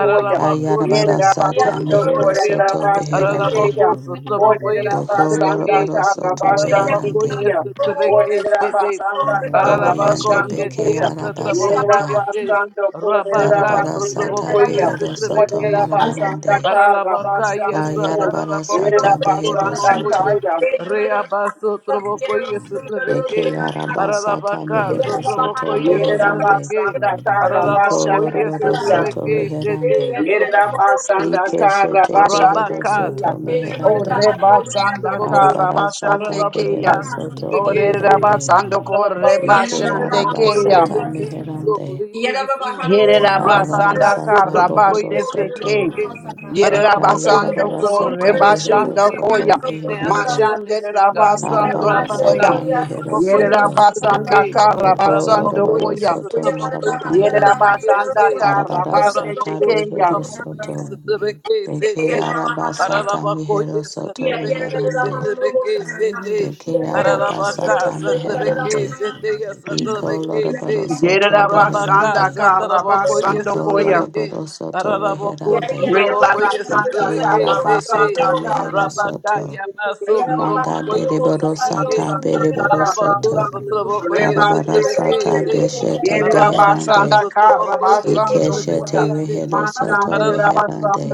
Ararabaco, Ayarabara Satrabaco, sata mehero Satrabeque, soto beherande. Ararabaco, Satrabacoia, Doko Satrabeque, loroboro soto Rabashan, Ararabako beherande. Dikia. yese tebeke Orera shete. basanda kara Ararabako Dobiande basando shete beke kuda. yese trabako Yerera arabasata. yese. basando orera Rabaka Darabara basu sata sotrabako tekeya. yese behero soto tebeke Orera shete. basanda marabarande. you. kara Ararabaka basando yese kuda. Ayarabara ararabako Yerera sata behero basanda sotrabako ye. soto. kaya. Reaba sotrabako yese Eke tebeke. arabasata Ararabaka mehero sotrabako soto yese Yerera beherande. tebeke. basanda kara Iko Ararabako basando yese loroboro kuya. soto tebeke shete beherande. yese. Yerera the basanda Ike kara shete basando behero Thank Rabaka kuya. soto Satabeke Ore meherande. Shete basanda Sataboko kara basando Arabarasata kuya. Rabaka behero soto Satabeke Orera Say beherande. basando kore Rabaka Ike Sataboko basando arabasata Yesete so meherande. believe we receive Here Yeah. rabasanda Rabaka Arabarasata Sataboko bohoro karabashete soto. ke. Yeseteke Yere Rabako rabasando ko Sataboko Dakayarabarasata Yese behero rebashando believe we soto koya. receive the answers to beherande. the Mashande mysteries God rabasando koya. Rabaka Arabarasata mehero you. Sataboko Yere soto. rabasanda Yeseteke Doko karabasando Rabako loroboro koya. soto Yesataboko Yere marabarande. Yeseteke rabasanda Say karabashete Arabarasata Ararabakos, keya. behero Trabocoyes, soto. Trebeke, Deke Sete, arabasata mehero Ararabacoyes, soto Yeah, Trebeke, beherande. Setrebeke, Sete, Deke arabasata Ararabacas, Trebeke, meherande. Sete, Yes, Trebeke, Ikolorobado Se, Yere soto beherande. Arabacas, rabasanda Trabocoyes, karabasando koya. Trebeke, Ikolorobado soto Thank Ararabakos, beherande. Trabocoyes, Ike Rebarasanda Trebeke, Sete, arabasata karabasanda mehero Rabacaya, karabashete Thank Maso, keya. Manda Trabocoyes, beriboro Trebeke, sata beriboro soto. Ararabakos, Trabocoyes, Darabara Trebeke, Se, beshete Araba Arabaka beherande. Yerabasanda sotraboko Ike shete yesotrabekese. rehero soto Arabaka, meherande.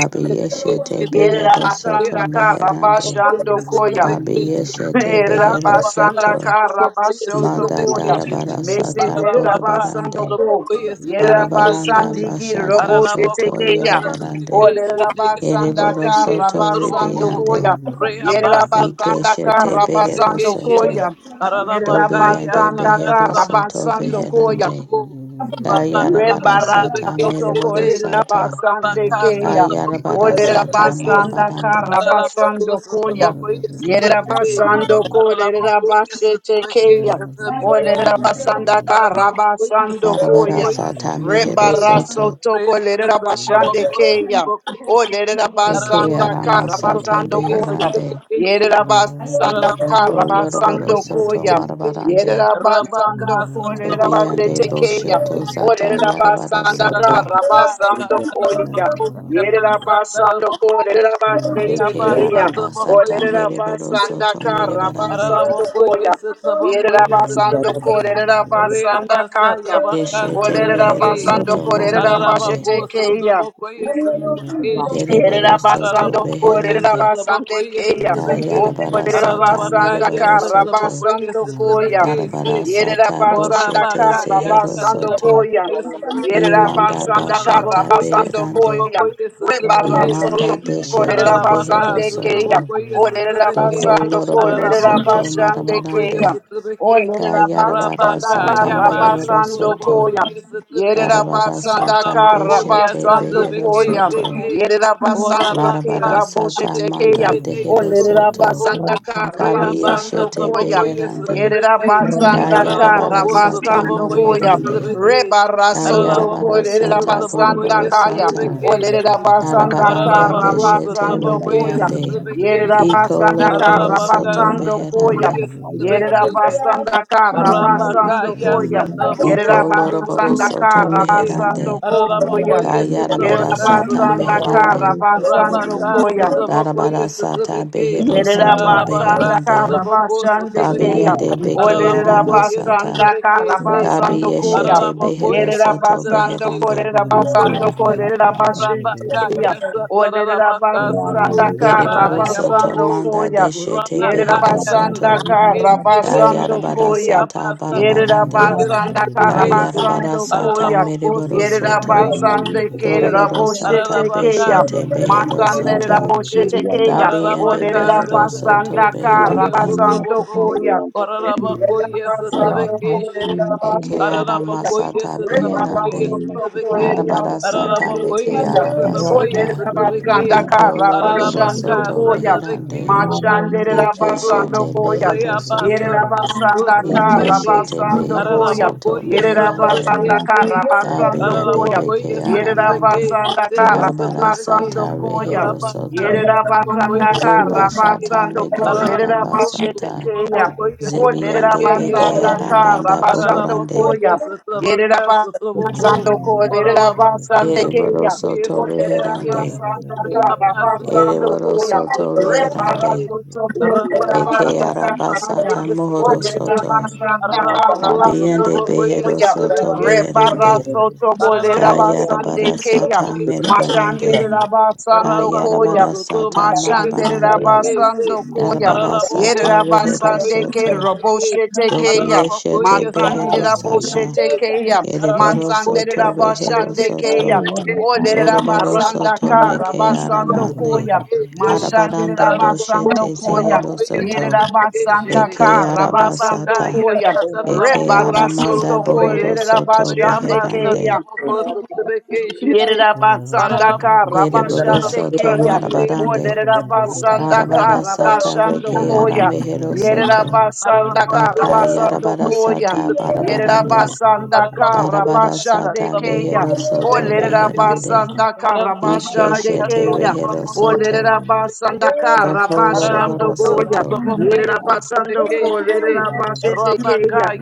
Abiyeshete behero soto meherande. Karabashando Koya. Lord. Abiyeshete behero Yerabasanda Manda Karabashotokoya. darabara sata borobarande. Meseterabasandoko. yes, Marabaranda Yerabasandiki Bashata Arabaka, Zoto Roboshetekeya. Yorobarande Olerabasanda Ereboro Soto Ribiande Karabasandokoya. Yerabasanda Ikeshete Behero Soto Karabasandokoya. Dobiande you. Yerabasanda Behero Soto yes, Karabasando Thank koya. Beherande Kayarabara Rabakasa Sata Rebarasoto Tabakasete, Mereboro kolera Sata basande Rabakasa keya. Kayarabara Tabakoyas Olera Sata Tabakasi, basanda Marabarando kara basando Aralabakosa koya. Tabakoyas Yerera Tabaki, basando kolera Aralabakoyas basete Tabakis keya. Olera Tabakasi, basanda kara Aralabakoyas basando Darabara koya. Tabakoyas Sata Tabaki, Mehero Soto Rebarasoto kolera Reabasa basande Tabakosa keya. Tabakasi, Olera Eke basanda Arama kara Aralabakasa Sata basando Tabakoyas koya. Beherande Tabakasi, Yerera basanda kara Roko Aralabakosa Yoroboro basando Tabakoyas Soto koya. Tabaki, Marabarande Yerera basando Rabakasa kolera Debiande Tabakoyas basete keya. Tabaki, Boshoto Ore Zata Yarabara basanda Sata kara Ararabacá, basando koya. Yere you. basando korera Thank you. basete Deke keya. Araba Ore Sata Mereboro basanda Soto kara Merebarande basando koya. Yere basando korera basanda kaya. Ore Deshete Mehero basando Rama Soto korera Marabarande basete keya. Dereboro Soto Yerabasando Beherande Korerabasande Keya. Ka Yarabara Sata Orerabasanda yes, Mereboro Soto Trabocoí, Karabasando yes, Koya. Trabequei, Darabara sim. Sata Yerabasanda Boshete Orabaka Orabakaya Zehero Karabasando Soto Koya. Satarabakoye Satabeke, Imanda Yerabasanda Bashata Arabakoye Karabasando Beherande Koya. Satabakoye Satabeke, Rebarasoto say, Imanda Deshete Arabaka Behero Korerabasande Keya. Soto Satabakoye Satabeke, Doko Orerabasando Loroboro Arabako Soto Korerabasande Satabakoye Marabarande Keya. Satabeke, Kayarabara Orerabasanda Rabaka sata Yaba mereboro Karabasando soto. Koya. Satarabakoye Yerera Satabeke, Darabara basanda sata kara Arabakoye beshete basando behero Satabeke, Koyam soto. say, Yerera basande Larabara Orabaka kera boshe sata Thank Satabeke, tekeya. manda say, dehero you. Olerera soto. Yasotabako. basanda kara Kabi Reabasa basando yeshete Koyam trabocoye beherande. Yerera satrabeque. basanda kara Kayarabara Araraboco sata basando satrabocoye Koyam morabarande. satrabeque. Reba rasoto Kayarabara Ararabocoye kolerera sata basanda satrabocoye boroboro kaya. sata. satrabeque. Olerera basanda Narabaranda kara Araraboco beshete basando satrabocoye Koyam ribiande. satrabeque. Yerida Iko basanda loroboro kara Ararabaca soto basando koya. satrabocoye beherande. satrabeque. Yerida basanda kara is basando Rabakaya koya. Satabako Iko Yerida the loroboro Satabako basanda soto kara Miombe Satabaki kama meherande. basando matofala na Arabako koya. yes matia Kayarabara Yerida Satabaka sata basanda Satabako rara kara meherande. yesu basando Rabaka kiririyange koya. kino Satabako matatu Darabara yes sata Satabaki behero Yerera tokaya soto Arabaka bakaya basanda beherande. kara bakaya Satabako basande Satabaki keya. randa Kabiyende yesu beke Olerera Arabako arama kiririyange yes kino basanda sata. Satabaki kara say rata basando koya. siriya Kabiyeshete you. kama behero Ararabakoye Yerera baba soto basando satrabeke beherande. korera basando satrabakoye ikiya se kama korera baba basete baba. keya. rabakaya Olerera satarabaka rara satu basanda yesu yaba kara Ereboro kiririyange soto yaboko basando manda koya. deshete Yerera behero rabakaya rata soto. basanda satrabeke siriya kara kama sete basando Kayarabara koya. sata reaba Yerida barabarande. satrabakoye rata siriya kama randa yesu basanda satrabeke kiririyange se rata Kayarabara karabasando siriya kama sata koya. ararabako Thank mereboro Yerida soto. satrabakoye basande satrabeke kerida Doroboro sata boshete ararabaka keya. beshete behero satrabakoye Masande soto. rida satrabeke boshete keya. bakaya Dabiyende ararabaka Olerida behero soto satrabeke basanda sete yanda beherande. kama karabasando satrabako koya. matofala ararabako Yerida ye basando satrabeke sete kolerida Ratashina Eke boshete Pelika, ara keya. Ararabacoia, masata Reba Yanda Satrabacoia, Kola beherande. basando Masipala Satrabeque, kolerida Arabara Lavatiende, sata boshete Ararabacoia, meke Thank keya. Satrabacoia, arabasata. Olerida Ratashi, basanda Satrabeque, Yanda Iko Masipala loroboro karabasando Likete, Ararabaca, soto koya. Satrabeque, reherande. Rara Mashandere Satrabaco, Ike Yasipala Soto, rabasando shete koya. Lavatiende, behero Reaba, soto. Satrabaco, Yerabasandaka Rana Ike Satrabeque, shete Yasipala behero Lavatiende, Rabasandokoya. soto Ararabacoia, meherande. Satrabeque, Yerabasandaka Say, Ratashi, Dabiyande Rabasandokoya. Ararabacoia, beke Satrabeque, aramande. Yerabasandaka Satea, Arabara Ratashi, Satrabeque, sata Rabasandokoya. rehero Rabaca, soto. Satrabacoia, Yerabasandaka Zuba Kiyasa Satrabeque, shata Rabasandoko. Lavatiende, meke Ararabaco, Soto, arabasata. Yerabashetekeya. Rabacoia, O Zebiyande Satrabeque, Yes, beke Rara Yerabasandaka arabanda Yasipala, Ararabako bohorande. Rabasandokoya. Thank yesatabaka you. satabako. Yerabasando Kora ko Lavatiende, Ararabaka lerabasande Eriboro keya. satabako O soto yesatabake. reherande. lerabasanda ka Kiyasa Reabasa Lavatiende, rabasando tabako Ereboro koya. soto satabake shite. reherande. Rebarato ko Rabaka Kiyasa Eke Lavatiende, lerabasanda yesatabako kaya. arabasata O mohoro yesatabake. soto. lerabasanda ka Ararabako Ratashi, Kabiende rabasando satabako behero koya. soto yesatabake shite. beherande. Rebarato ko Ararabako Rara lerabasande Kayarabara yesatabako keya. sata Mashande merebarande. lerabasando koya. Kayarabara sata Mashandere Yasipala marabarande. rabasando Lavatiende, koya. Darabara Yere sata rehero rabasande ke soto. roboshete Dobi keya. yeshete Masandere Rara behero Yasipalika, sata. raboshete keya. Ereboro Masandere soto rehero rabashande keya. soto. Oh, I love Olere you. Doroboro rabasanda soto ka meke rabasando Rabaka, aramande. koya. Mashandere Arabaranda Rabaka, rabasando boshete I love koya. that. zehero Yere soto. rabasanda Eke ka rabasando arabasata, koya. Oh, I love eke Reba you. aramanda rasoto ko bohoro lere soto keya. beherande, I love that. Yerabasandaka ereboro Rabashande soto Keya. marabarande, Oderabasandaka arabarasata Rabashando reke Koya. aramehero soto, Yerabasandaka Rabaka, daka Rabasando Koya. yarabarasata Believe barabarande, Yerabasandaka we Rabashande darabarasata Get Keya. behero soto beherande, Oderabasandaka ike Rabashande shete Keya. rehero soto, Oderabasandaka doko Rabashando loroboro Koya. soto, Yerabasando Koya. Yerabashete Keya.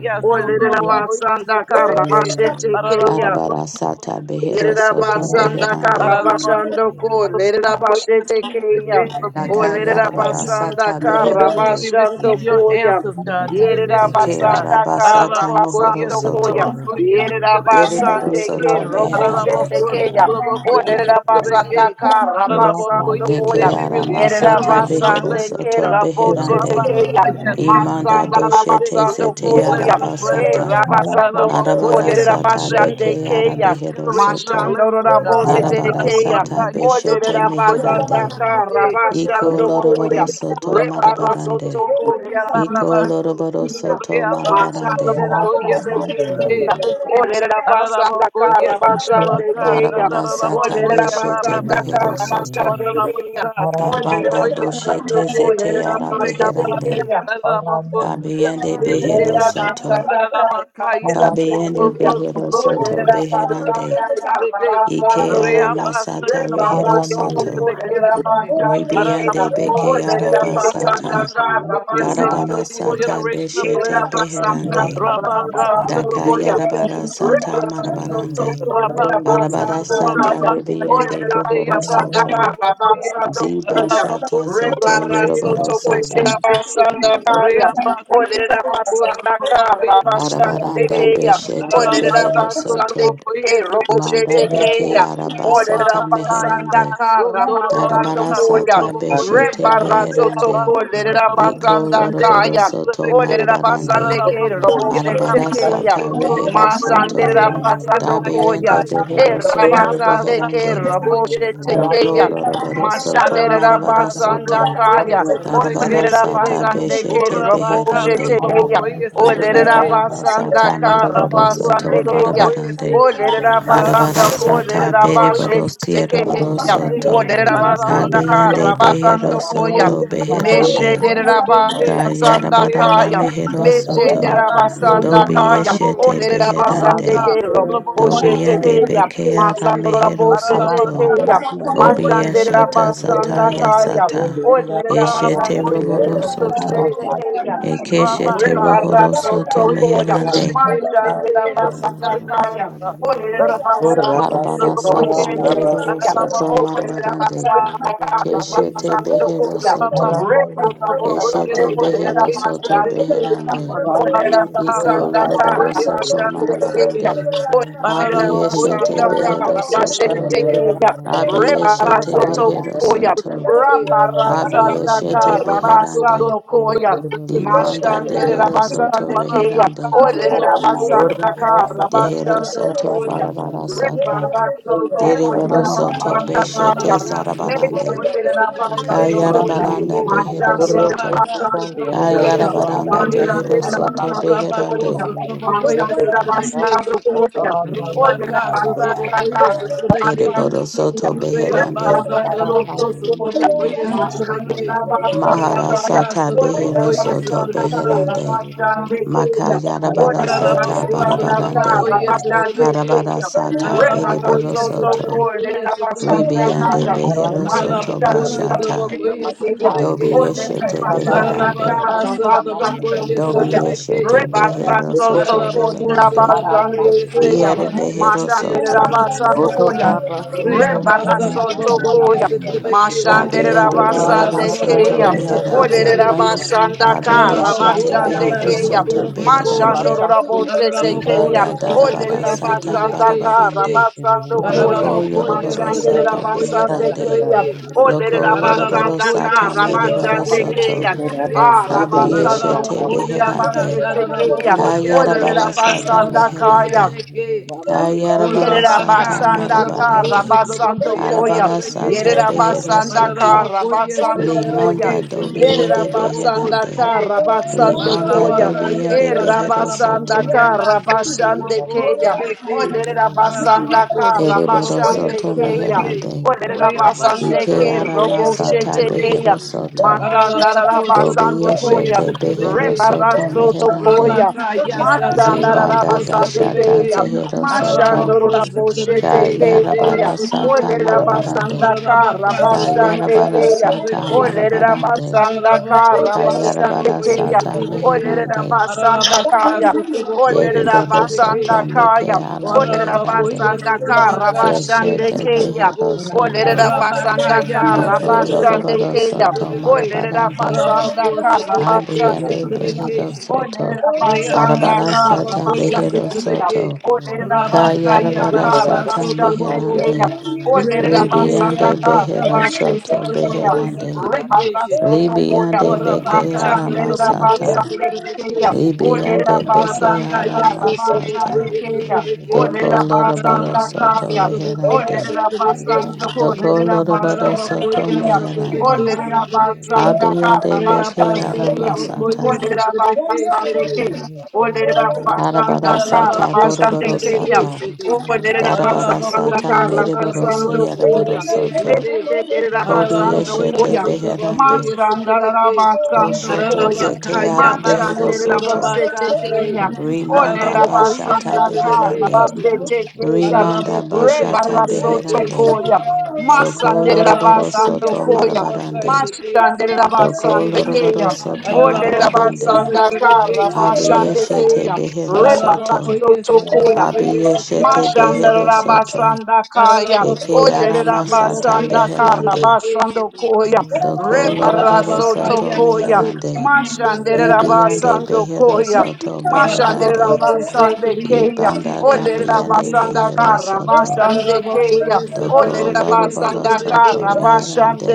You see, I love Oderabasandaka Rabashete Keya. arabarasata behero soto you. Lerabasandaka beherande, Rabashandoko, Lerabashetekeya, I O daka love you. lerera receive it. God. basanda yarabarasata We kara beherande, believe we basando receive your koya. answers, I God, to love the you. mysteries, Deke God. Lerabasandaka arabasata Araraboko, mohoro yes, soto. Rabashandokoya, Yerabasandaka Rabasandokoya, atraboko, yes, atrabeke, Deriboro You see, shete. I Yerabasandeke soto love you. I love you. I love beherande. Araraboko, you. Roboshetekeya, I sotraboko, yes, Olerera love you. I love basanda you. atrabeke. kara Thank Rata Araraboko, basando yes, Deke siri eh, koya. we you. anda release basa Yerera kena aramasata masa generational behero basande kan. blessings, soto kera God. Dia boche beherande. tuan nama Rabaka, tekeya. tuan yes, nama kena Imanda atraboko, Masanda masa rara yes, kena eh, doshete masa. basando zete blessings, koya. blessings, E blessings. arabasata. Harata rabasando Araraboko, siri kolerera yes, kena Arabarasata di. basande beke we keya. release arabehero generational soto. Mashando blessings, rara God. bose Harata tekeya. siri Darabarasata Ararabaka, yes, kena beshete di. Olerera Satraboko, yes, basanda meherande. kara Satrabeke. Iko basando Orang Araraboko, koya. loroboro lain. yes, soto Reba Satrabaka, rasoto marabarande. Satraboko, kolerera you. Iko basande Yabababasu. loroboro keya. soto Reabasa, marabarande. Mashandela Satraboko, Harata yes, bantuan Satrabeke, Bosetekeya, nama Sete. kena. Olera you. Basanda Araraboko, Kara yes, Itu yang kami. Satrabaka, Ia Bashandekeya, sebab Darabarasata Sataraboko, itu. Olera beshete Basanda Yabababasu. behero Kara soto. Bashandekeya, Orarabaka, Thank Olera Satraboko, Kabanda yes, Basando doshete Satrabeke. zete Olera yara beherande. Reabasa, Bashandekeya, Satraboko, Kabiyende Satrabeke, behero Sete. soto. Arabakaya Kabiyende Satabakos behero soto Torobokoyes at the beherande. vacation. Ike yara Reabasa masata rehero Tabakoyes at the soto. vacation. Ribiyande Arabako, beke yes, yara it yes, basata. Tabakoyes, we Darabara release sata generational beshete blessings. beherande. Rabakasa Daka Oh, Tabakoyes yarabara sata Rebarasoto marabarande. Rabaco, Arabara Sotura sata Kaya. Rabaca, Oh, let yes, ribiyande the day bohoro about soto. Sotraboye, Rabaco, Zibashata zoto Sotraboye, yoroboro Sotrabeke, sata. Shede, Reabasa, Trabaco, Sotraboye, Arabaranda Sotrabeke, beshete it up, Rabaca, behero soto. Sotraboye, Manda Sotrabeke, beke arabasata Orabakaya meherande. baso torabaka Darabarasata sotrobokoye beshete beherande. reabasa you. taraboko Iko setega loroboro Get soto sotrobeke marabarande. Sunday, Kate, ararabokoye Robo, baba Shetekia. baso Arabarasata rehero torobokoye Masande se soto. fire Rabasando fire Koya. Dabeyende fire E behero soto Rabasande reabasa Ke beherande. torobokoye Raboshe sotrobeke Doko Tekeya. shete loroboro soto Masande Ararabaka, Rabasanda marabarasata. Sotobokoye, Kaya. O Sotrabeke, Shede, Darabarasata Lerabasande Ke beshete Orabaka, Raboshe beherande. Tekeya. Sotobokoye, O Eke Sotrabeke, Shede, arabasata Lerabasanda Thank Ka moroboro Ararabako, soto Rabasande Keya. Sotobokoye, barabarande. O Se, Arabara Lerabasanda Ararabako, Ko sata you. Sotobokoye, Lerabashe beriboro Sotrabeke, sierboro Tekeya. Shede, O soto. Lerabasanda Ararabaka, Ka yes, Kabeyende Rabasando behero Koya. soto Ararabakoye, Ora Meshe beherande. Beke, Kayarabarana Sandakaya. Reabasa mehero Taboko soto. Yabaso Dobi Mesheterabasandakaya. Arata Turabako, yeshete it Get beherande. Rabaka, Olerabasandekero. Sotomoko Dobi is yende the Boshetekeya. bekeara vacation, mehero soto. Arabaka, Masandorobotetekeya. Sotomoko Kobi is the yeshata zata vacation, Mashanderabasandakaya. yasata. Eshete Arabako rohoro Olerabasandekero. is the soto. vacation, Boshetekeya. Ekeshete rabaka, rohoro soto Sakarabakoya, Rebarasotokoya, meherande. Mashandela Satabakay, answer to the mystery, Basangataya, God. Olera Rabako, Basandikir, Arabara Satabakoya, sata meriboro Robushetekia, soto Arabako, Olera marabarande. Sotomoko. Rabaka, Basandakaba, Keshete behero Basandokoya, soto. Aranda yose kalala Keshete Rebarasotoko, bachana Olera behero basa. soto Basandikia, beherande. Aranda Thank you. Olera yose Iko kalala Basandata, lorobaro Thank soto marabarande. Basandikia, yose Abiyeshete yasa it, behero soto. bachana Thank Abiyeshete Aranda behero Rebarasotokoya, yose soto. kalala. Rabarasandaka, Abiyeshete so beherande. Rabasandokoya, Demanda Mashandere dehero soto Rabasandekeya, beherande. Orere Aranda the yose Rabasandaka, kalala Dehero soto bachana Rabasandokoya, barabara Olha, sata. passando Yose yasa Deribaro mama mama soto da bachana beshete Rabaka yose kalala sarabarande. Sotomokoye basa. Sotomake Aranda Kayarabaranda yose Sotomoko behero kalala soto. bachana Orabasa Rabaka kandi basa. Sotomokoye Aranda Ayarabaranda Sotomake yose Behero kalala Soto bachana Rabako Beherande bakaunda yose Sotomokoye kalala. Sotomake Aranda yose Rabaka kalala casa, Sotomokoye bachana. passando Sotomake Ereboro de Soto Beherande Reabasa Aranda Rebarasoto, Tomoko yose kalala Sotomokoye bachana Sotomake bakaunda. you. Mahara Rabaka Sata Behero Sotomokoye Soto Sotomake Beherande Makayarabara Rata Sata Ararabacoso, trabajo Barabarande y ese trabeque. Barabara Sata Ararabaco y Bereboro ese Soto trabajo y ese Ribiande trabeque. Behero Soto Ararabacoso, Bashata trabajo y ese Dobi trabeque. Yeshete Beherande Ararabacasa, trabajo y ese Dobi trabeque. Yeshete Behero Russia, Father, Soto Lord, of course, Nina it's Beherande about for Basande, you, say, Kaya, believe Yere you you. Behero receive the Mashandere answers Soto to the Rabasando, mysteries, God. Koya, Pray about such about for you, Rebarasotokoya. set the vacation. Abiyande Father, Behero Lord, of course, Soto Mashanderabasandekeya. yes, set the Meherande vacation. Olerabasandaka Father, Lord, of Abiyeshete course, yeah, about behero so rabashandekeya. soto good about for. beherande. Father, Lord, of Get course, Mashandororabosetekeya. Zibanda it's about for darabara you, set sata the Olerabasandaka vacation. barabarande. Father, Lord, Loko rabasandokoya. of course, yes, yoroboro set the soto about for you, set Thank the beherande. Mashanderabasandekeya. vacation. Loko loroboro Olerabasandaka Paralabocoia, sata meriboro Satabocoia, soto. rabashandekeya. Satabeque, Ah, Urabasa kandi Kabiyeshete rabasandoko, Paralabocoia, beherande. lerabashetekeya. Satarabocoia, Kayarabara Bassa, sata Tarabocoia, Olerabasandakaya. meherande. Deque, Kayarabara Urabaca, sata Yerabasanda Sataboco, marabarande. Karabasando Satabocoia, Koya. Arabara sata Satabeque, behero Yerabasanda soto. Paralabocoia, Karabasando Koya. Limanda Satabeque, Setea, dobiende Thank you. Sotoboco, Yerabasanda beherande. Sete, Karabasando Limanda Koya. Ararabaka, dobia yes, de behero Araraboko, Erabasanda soto. Yabaso, Karabashande Turaboko, Keya. Yebeke, Oderabasanda Ararabako, Ereboro Sutraboko, Karabashande yes, soto Keya. Trebeke, meherande. Reabasa, Oderabasande Ike Ke ara Traboko, yes, It's masata Roboshete Trebeke, behero Keya. soto. Matanda Ararabako, Dobi Rabasando Sutraboko, yes, yeshete Koya. behero Trebeke, soto Rebarasoto meherande. Koya. Rabaka, yes, Zibanda Ararabako, dashata Masandararabasandekeya. Trebeke, zehero soto. Ararabako, Trebeke, Shede, Mashandoraboshetekeya. Kayarabara sata Sutraboko, marabarande. Olerabasandaka Rabaka Reabasa, Trabocoia, Kayarabara rabashandekeya. sata Sutrabeke, marabarande. Olerabasandaka Kayarabara rabashandekeya. sata meherande. Olerabasandakaya. Dereboro soto meke Olerabasandakaya. ara meherande. Olerabasandaka Keshete Thank you. rabashandekeya. behero soto. Olerabasandaka Doko Shit. lorobaro rabashandekeya. soto marabarande. Olerabasandaka Ambiyande rabashandekeya. behero Olele soto. Get it Arabara abasandaka, sata behero rabashandikia. soto. out Olele of Rabakaya Kayarabara abasandaka, Baba sata Sotroboko rabashandekeya. meherande. Olele Libiyande Rebekeya abasandaka, behero Satabako soto rabashetekeya. Satabako beherande. Satabakation. Rebarasotokoya. Libiyande beke Warabaka Machandele Satabako aramasata. abasandekeya. Satabakation. Olele Libiyande beke abasandaka, Rabakaya aramasata. Satabako rabashandekeya. Doko Satabakation. Olele lorobaro Arabaka soto abasandakaya. Satabako Olele beherande. abasandoko, Satabakation. olele Dokolorobado soto Ararabakoya abashetekeya. Thank meherande. Satabake Olele you. Satabake. abasandaka, Abiyande beke Reabasa ara rabashandekeya. masata. Trabakoya Olera Satabake basande ke. Satabake. Olera basanda Arabara kara sata Ararabako basande boroboro ke ya. Satrabeke sata. City. Olera Darabara the basanda Ararabako sata yes kara at meriboro Rabako basando suyaraboro koya. Satrabeke Russia, soto. City. Leche olera Kobi basando Ararabako yeshete yes koya. at Rabako beherande. yes at Machanda la Rebeke. basando Koshoto koya. Ararabaka zete ara behero Machande Yabaso la soto. bosete Torabaka ke say. ya. Rimanda Olera Ararabako yes bashata basanda at kara Rebeke beherande. City. basete ke ya. Rimanda Ararabako yes bashata at Rebarasoto Rebeke beherande. City. koya. Masandere Dokolorobado Ararabako Rabasando soto yes at Koya. Rabaka marabarande. City. Yes Mashandere at Rabako yes. Rabasande Dokolorobado Kea. soto Odere Ararabako yes marabarande. at Rabasanda Kara Rebeke City. Basande Abiyeshete Kea. behero Rebanda soto. Ararabocoia, Soto se Koya. trabocoia, se Abiyeshete behero Mashandara trabequeixe. soto. basanda kaya, Eke Ararabocoia, kara se aramasata trabocoia, se Thank you. kara beherande. basando trabequeixe. koya, Doko loroboro Rebaraso soto Ararabocaia, tokoya. basso, meherande. trabocoia, se Mashandera Ibiyande basando trabequeixe. behero koya, soto Get it, beherande. Ararabocoia, se believe and Mashandarabasandakaya. Ibanda receive Olerabasandakarabasandokoya. Rebarasotokoya. answers Mashanderabasandokoya. to the dabiyande Mashanderabasandekeya. mysteries, kara behero God. soto. Olerabasandakarabasandekeya. Ararabocoia, se Doko trabocoia, se loroboro soto trabequeixe. beherande.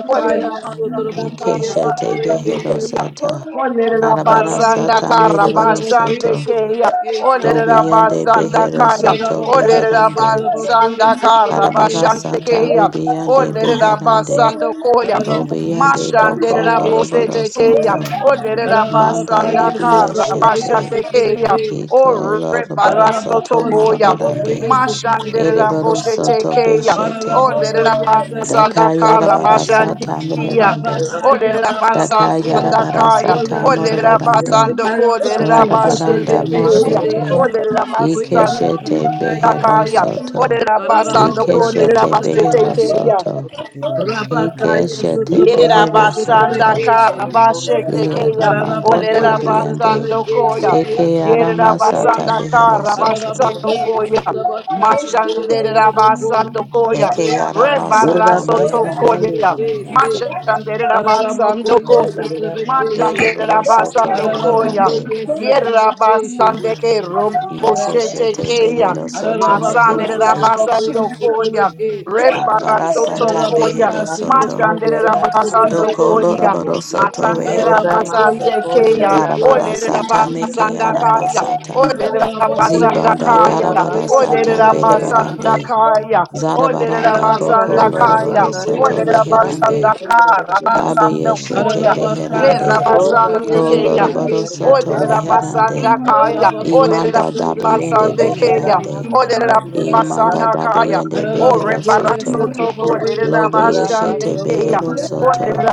Thank se trabocoia, se Ikeshete behero trabequeixe. sata. Olerera Arabara basanda sata Ararabocoia, kara se mereboro basande trabocoia, soto. se keya. trabequeixe. Olerera Dobiyande basanda behero kaya. soto Rabakaya Olerera beherande. basanda kara Arabara basande sata keya. ribiande Olerera beherande. basando koya. Araraba Obiande boko Mashandera bosete loroboro keya. soto. Olerera Manda basanda libye kara basande shete. keya. O Iko loroboro rebaraso soto tokoya. marabarande. Mashandera Ereboro bosete soto keya. beshete. Olerera you. basanda Daka kara yarabara Yes. basande sata keya. meherande. Urda Olerera Daka basanda yarabara kaya. sata Olerera morabarande. basando kolerera bashete Larabaranda keya. moshete. Olerera Ike basanda shete behero kaya. soto. koye Olerera sutra basando beke Ike kolerera shete bashete behero şiddet. keya. soto. basa Rabakaya Ikeshete Yerera Satrabokoye behero basanda soto. kara Satrabokoye bashete keya. Lieramanda Olerera Ararabokoye kabiende. basando Satrabokoye koya. Shitaya Eke Yerera Satrabokoye aramasata basanda behero kara soto. basando Ararabokoye koya. Satrabaka Shitaya Mashanderera Satraboko basando koya. Eke Reabasa Rebara arabasata soto Satrabokoye meherande. koya. Satrabokoye Mashanderera basando Ararabokoye koya. Satrabokoye Shitaya Mashanderera Ereboro soto basando koya. beherande. Ararabokoye Thank you. Satrabokoye Get Yerabasande Shitaya ke robo sete Ikeshete keya. behero soto Ararabako Masande meherande. rabasando Satrabokoye koya. Satrabokoye Rebarasoto Arabarasata koya. behero Ararabaka soto. Mashande Satrabokoye rabasando Satrabokoye Doko koya. loroboro soto Masande meherande. rabasande Ararabocoia, essa kandi keya. trabequei, Ole Senhor. Darabarasata meke rabasanda kaya. arabasata. Ole Ararabocoia, rabasanda essa Zibanda kaya. trabocoia, Ole essa darabarasata trabequei. urda rabasanda berebarande. basa kaya. Ole Zarabaranda Ora boko rabasanda Ararabocoia, essa Ikararabasa, kaya. loroboro trabocoia, soto Ole essa meherande. trabequei, rabasanda Senhor. kara. Kabe Rabasando yeshete koya. Ararabacá, E essa beherande. trabocoia, rabasande Ko essa keya. loroboro trabequei, Senhor. soto Olerera meherande. basanda kaya. Ararabocoia, Olerera Imanda essa dabeyende trabequei, basande Senhor. keya. beherande. Olerera Imanda basanda kaya. dabeyende Thank Ore behero Ararabocoia, essa soto. barasoto trabocoia, olerera essa Lobi basande yeshete trabequei. keya. behero soto. Olerera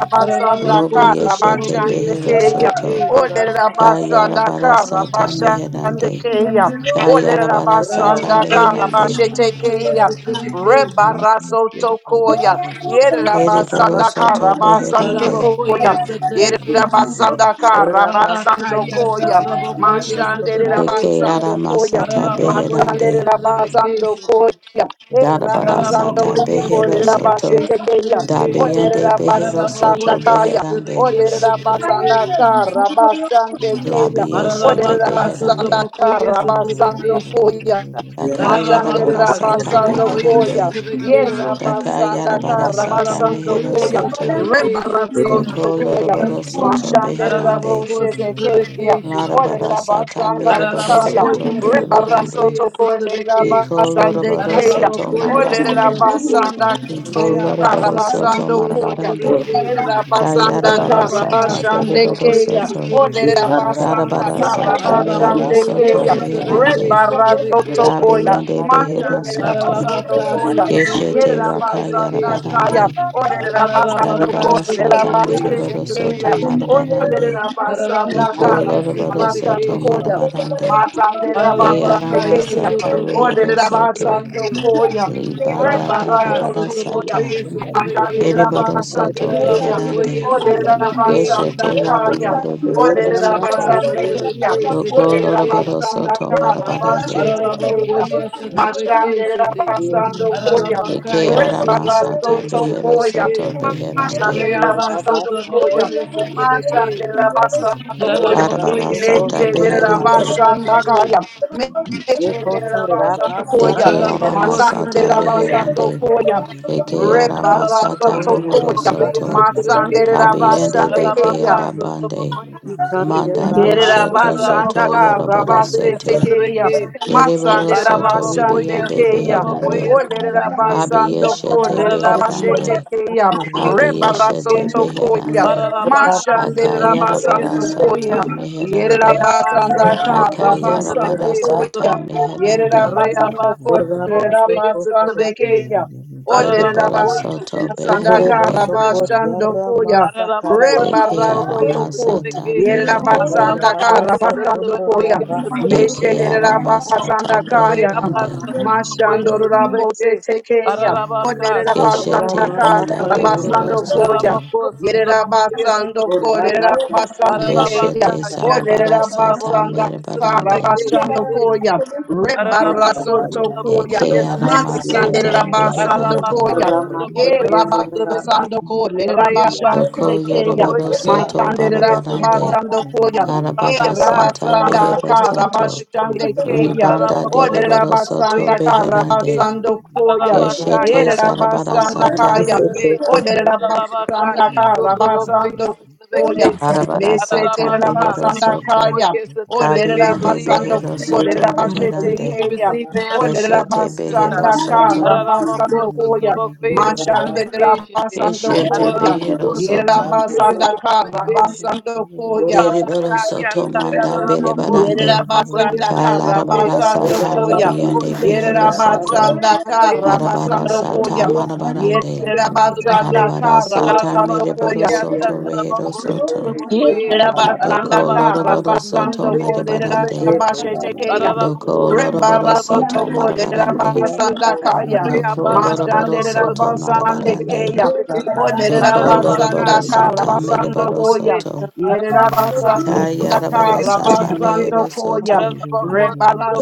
Thank basanda you. Lobi Ararabocoia, essa kara yeshete trabocoia, basande essa behero keya. soto. trabequei. Olerera basanda Kayarabara kara sata basande meherande. keya. Kayarabara sata Ararabocoia, meherande. essa trabocoia, Olerabasandakarabasetekeya. essa trabequei. Rebarasotokoya. Ereboro soto beherande. Ararabakoye Yerabasandakarabasandokoya. satabekeshede. Rabakaya Yerabasandakarabasandokoya. satabakoye satabeke. Eke arama Mashanderabasandokoya. sata Ararabakoye beherande. satabekeshede. Masanderabasandokoya. Darabara sata Ararabakoye behero satabeke soto. Erabasandokorerabashetekeya. satabeke. Dabiende Olerera behero basanda you. soto Ararabakoye kaya. beherande. Thank satabeke Olerera satabeke. basanda kara basande keya. Labieshete Olerera Ararabaka basanda beherande. satabakoye kara basando satabekeshede. koya. Daka you. Ararabaka yarabara Machanderera sata basando satabakoye beherande. koya. Yerera satabekeshede. Daka basanda yarabara kara sata basando mehero Ararabakoye koya. soto. satabeke Rebarazo shete Doko koya. satabeke. loroboro Thank soto Machanderera beherande. Araraboko boshete keya. sotrabeke shete. Larabara Olerera sata basanda mereboro kaya. Araraboko soto yes sotraboko Rebarazo berebarande. yes koya. sotrabeke. Iko Basande loroboro keya. soto Araraboko yes Olerera marabarande. sotraboko. basanda Iko Reabasa loroboro soto Karabasando sotraboko Koya. marabarande. sotrabeke. Yerabasanda Kayarabara Araraboka sata Karabashande sotraboko berebaro Keya. yes soto. sotrabeke. Oderabasanda Darabara you. sata mehero Karabashande Araraboko yes Thank soto Keya. Kandirabasa, you. sotrabeke beherande. Rebarato Thank sotrabeke Tokoya. shete. Kabeyende behero Machane soto. Rabasando Araraboka Koya. sotraboko Keshete yes Yerera raka basanda sotrabeke shete. Kaya. yarabarande. you. Oderabasando Araraboka Darabara Koya. sata Thank sotraboko yes Yerabashete merebaro Keya. sotrabeke soto shete. Thank marabarande. Orera basanda Araraboko Iko yes lorobaro soto Karabashando sotrabeke Koya. shete. marabarande. Matandera Basande Ararabaka, Kayarama yes, Kenya, sata Otroboko, rehero Ordera yes, soto. Basando Trebeke. Koya, Red Libanda Rabaka, Barasto darabara Tupoya, Sotroboko, sata. yes, Trebeke. Matandera Kerebaro Basande soto Kenya, Araraboko, beherande. yes, Ordera Trebeke, Keshete Basanda Sotroboko. Kaya, rabiyande behero Ordera soto. Rabaka, Basande Kenya, Sotrebeke, Doko Ordera Sotrebeke. lorobado Basanda soto Kaya, marabarande. Basante Araraboko, Kenya, yes, Trebeke, Mashandera Shete. Basando Koya, Eke Ararabaka, Red yes, arama Barasto Otroboko, sata yes, behero Tupoya, soto Trebeke. Thank you. beherande. Mashandela Reabaso, basando koya. Otroboko, yes, Trebeke. Mashandela basando koya. Araraboko, Arabara yes, sata Meshedela Otroboko, yes, beherande. basanda Trebeke. kaya. Meshedela basando koya. Deke arama Ararabako, sata Masandela Sotroboko, basando beherande. koya. Eke Para arama la Rebarato sata boca bohoro tokoya. y soto. Masandela Kabiende basande beke keya. arabande. Manda you. bosheto zoto Yerabasanda yorobado Rabase sete. tekeya, Kereboro Matsande soto Rabashande ribiande esa Keya, trabajo beherande. y esa trabeque. Olerabasando Ko, Abiyeshete Arabako, Lerabashe beherande. yes, at the tekeya, Bokoyes Rebaraso Abiyeshete Tokoya, beherande. Mashande at Rabasando Akayarabarasata Koya, meherande. Thank Yerabasanda Karabasando you. Akayarabarasata Koya, meherande. Yerabasando ko, Yerabasandaka Rabasetekeya Rabasa Matsanderabashandekeya Olerabasandoko Lerabashetekeya Rebarasotokoya Mashanderabasandokoya Yerabasandaka Rabasandokoya Yerabasandoko Lerabasandekeya Deriborosoto beherande. Sandakara the Beke. Bashando Koya Paralabacoia, Santa Rebarato Bacoia, Santa Toko Dekearamasata Beque, Yera beherande. Basanda Kara Paralabacoia, Santa Basando Koya Bacoia, Santa Beque, Meshedera Santa Bacó, Ekearamasata Basanda Kaya Reaba, beherande. Santa Bacoia, Mashando Santa you. Beque, Rabose Tekeya Paralabaca, Olerera Santa Bacó, Geshete Basanda Santa banda Kara Beque, Basando dohorosoto. Koya Paralabacó, Santa Yerera Bacoia, Santa basando Beque, kolerera basande keya. Beshete Paralabaca, Gassa, Paralabacoia, Olerera Santa la sarabarasata boca basanda y santa kara merebarande. Beque, basando Shede, koya. Rebara Paralabaco, soto Santa koya. Bacoia, Santa Beque, Ekearamasata Masanderera basando beherande. Arabaka koya. Ye Sotobokoy Sotobeki, basando kolerera Russia. Rayabasa Doko basande keya. Tobokoy yoroborosoto Sotobeki Masanderera barabarande. Sotoboko, basando koya. E Karabada Rabaka sata basanda mehero Sotobokoy kara soto. Sotobeki, basande keya. Ribanda Arabako Olerera deriboro Sotobokoy soto basanda kara Sotobeki, beherande. basando koya. Arabaka Keshete zarabada Yasotoboko Rabasa sata. Yerabasandakaya. Sotobeki, Arabaka Oderabasandaka Yasotobokoy Rabasandokoya. Sotobeki, Barabada sata Arabaka behero soto. Sotobokoy Meseterabasandakaya. Sotobeki, Kabiyande Believe we behero Oderabasandoko receive. soto Believe beherande. you Lerabashetekeya. receive the answers to the Keshete mysteries, behero God. Oderabasandaka soto. Ararabakosa Rabasandokoya. trabakoye sutrabekeshete. Keshete Mashanderabasandokoya. behero Ararabakosa soto. trabakoye Yerabasandaka sutrabekeshete. Rabasandokoya. Deriboro Rabakaya soto manda satarabakosa berebarande. Yerera trabakoye basanda kara sutrabeke. Talarabada basando sata koyam. ribiyande Ararabakoye Yerera behero sutrabakosa soto. basanda trabeke. kara Thank Arabada basando sata koyam. you. Ararabakosa marabarande. trabakoye Yerera sutrabeke. basanda Arabara kara sata basando mereboro koyam. Ararabakaya soto rehero satarabakosa soto. trabakoye. Doko Yerabasandaka, Ararabakasa loroboro soto Rabasando trabakoye ko sutrabeke. merebarande. lerabashetekeya. Araraba Doko koye loroboro satrabaka soto Rebarasotoko satraba koye marabarande. se. lerabasandakaya. Ararabacoia, Doko Satrabaca, Satrabacoia, Reabasa, loroboro Trabaco, soto Satrabacoia, you. marabarande. Mashandererabasandekeya. Satrabaque, O Doko Ararabaca, loroboro Rasa lerabasandaka, Yesu, sata mereboro Torabacoia, rabasandokoya. soto. Ararabaca, Yeah. Kaya Yerabasandaka, arabara Satrabacoia, sata Satrabaque, mehero rabasandokoya. soto. Ararabaco,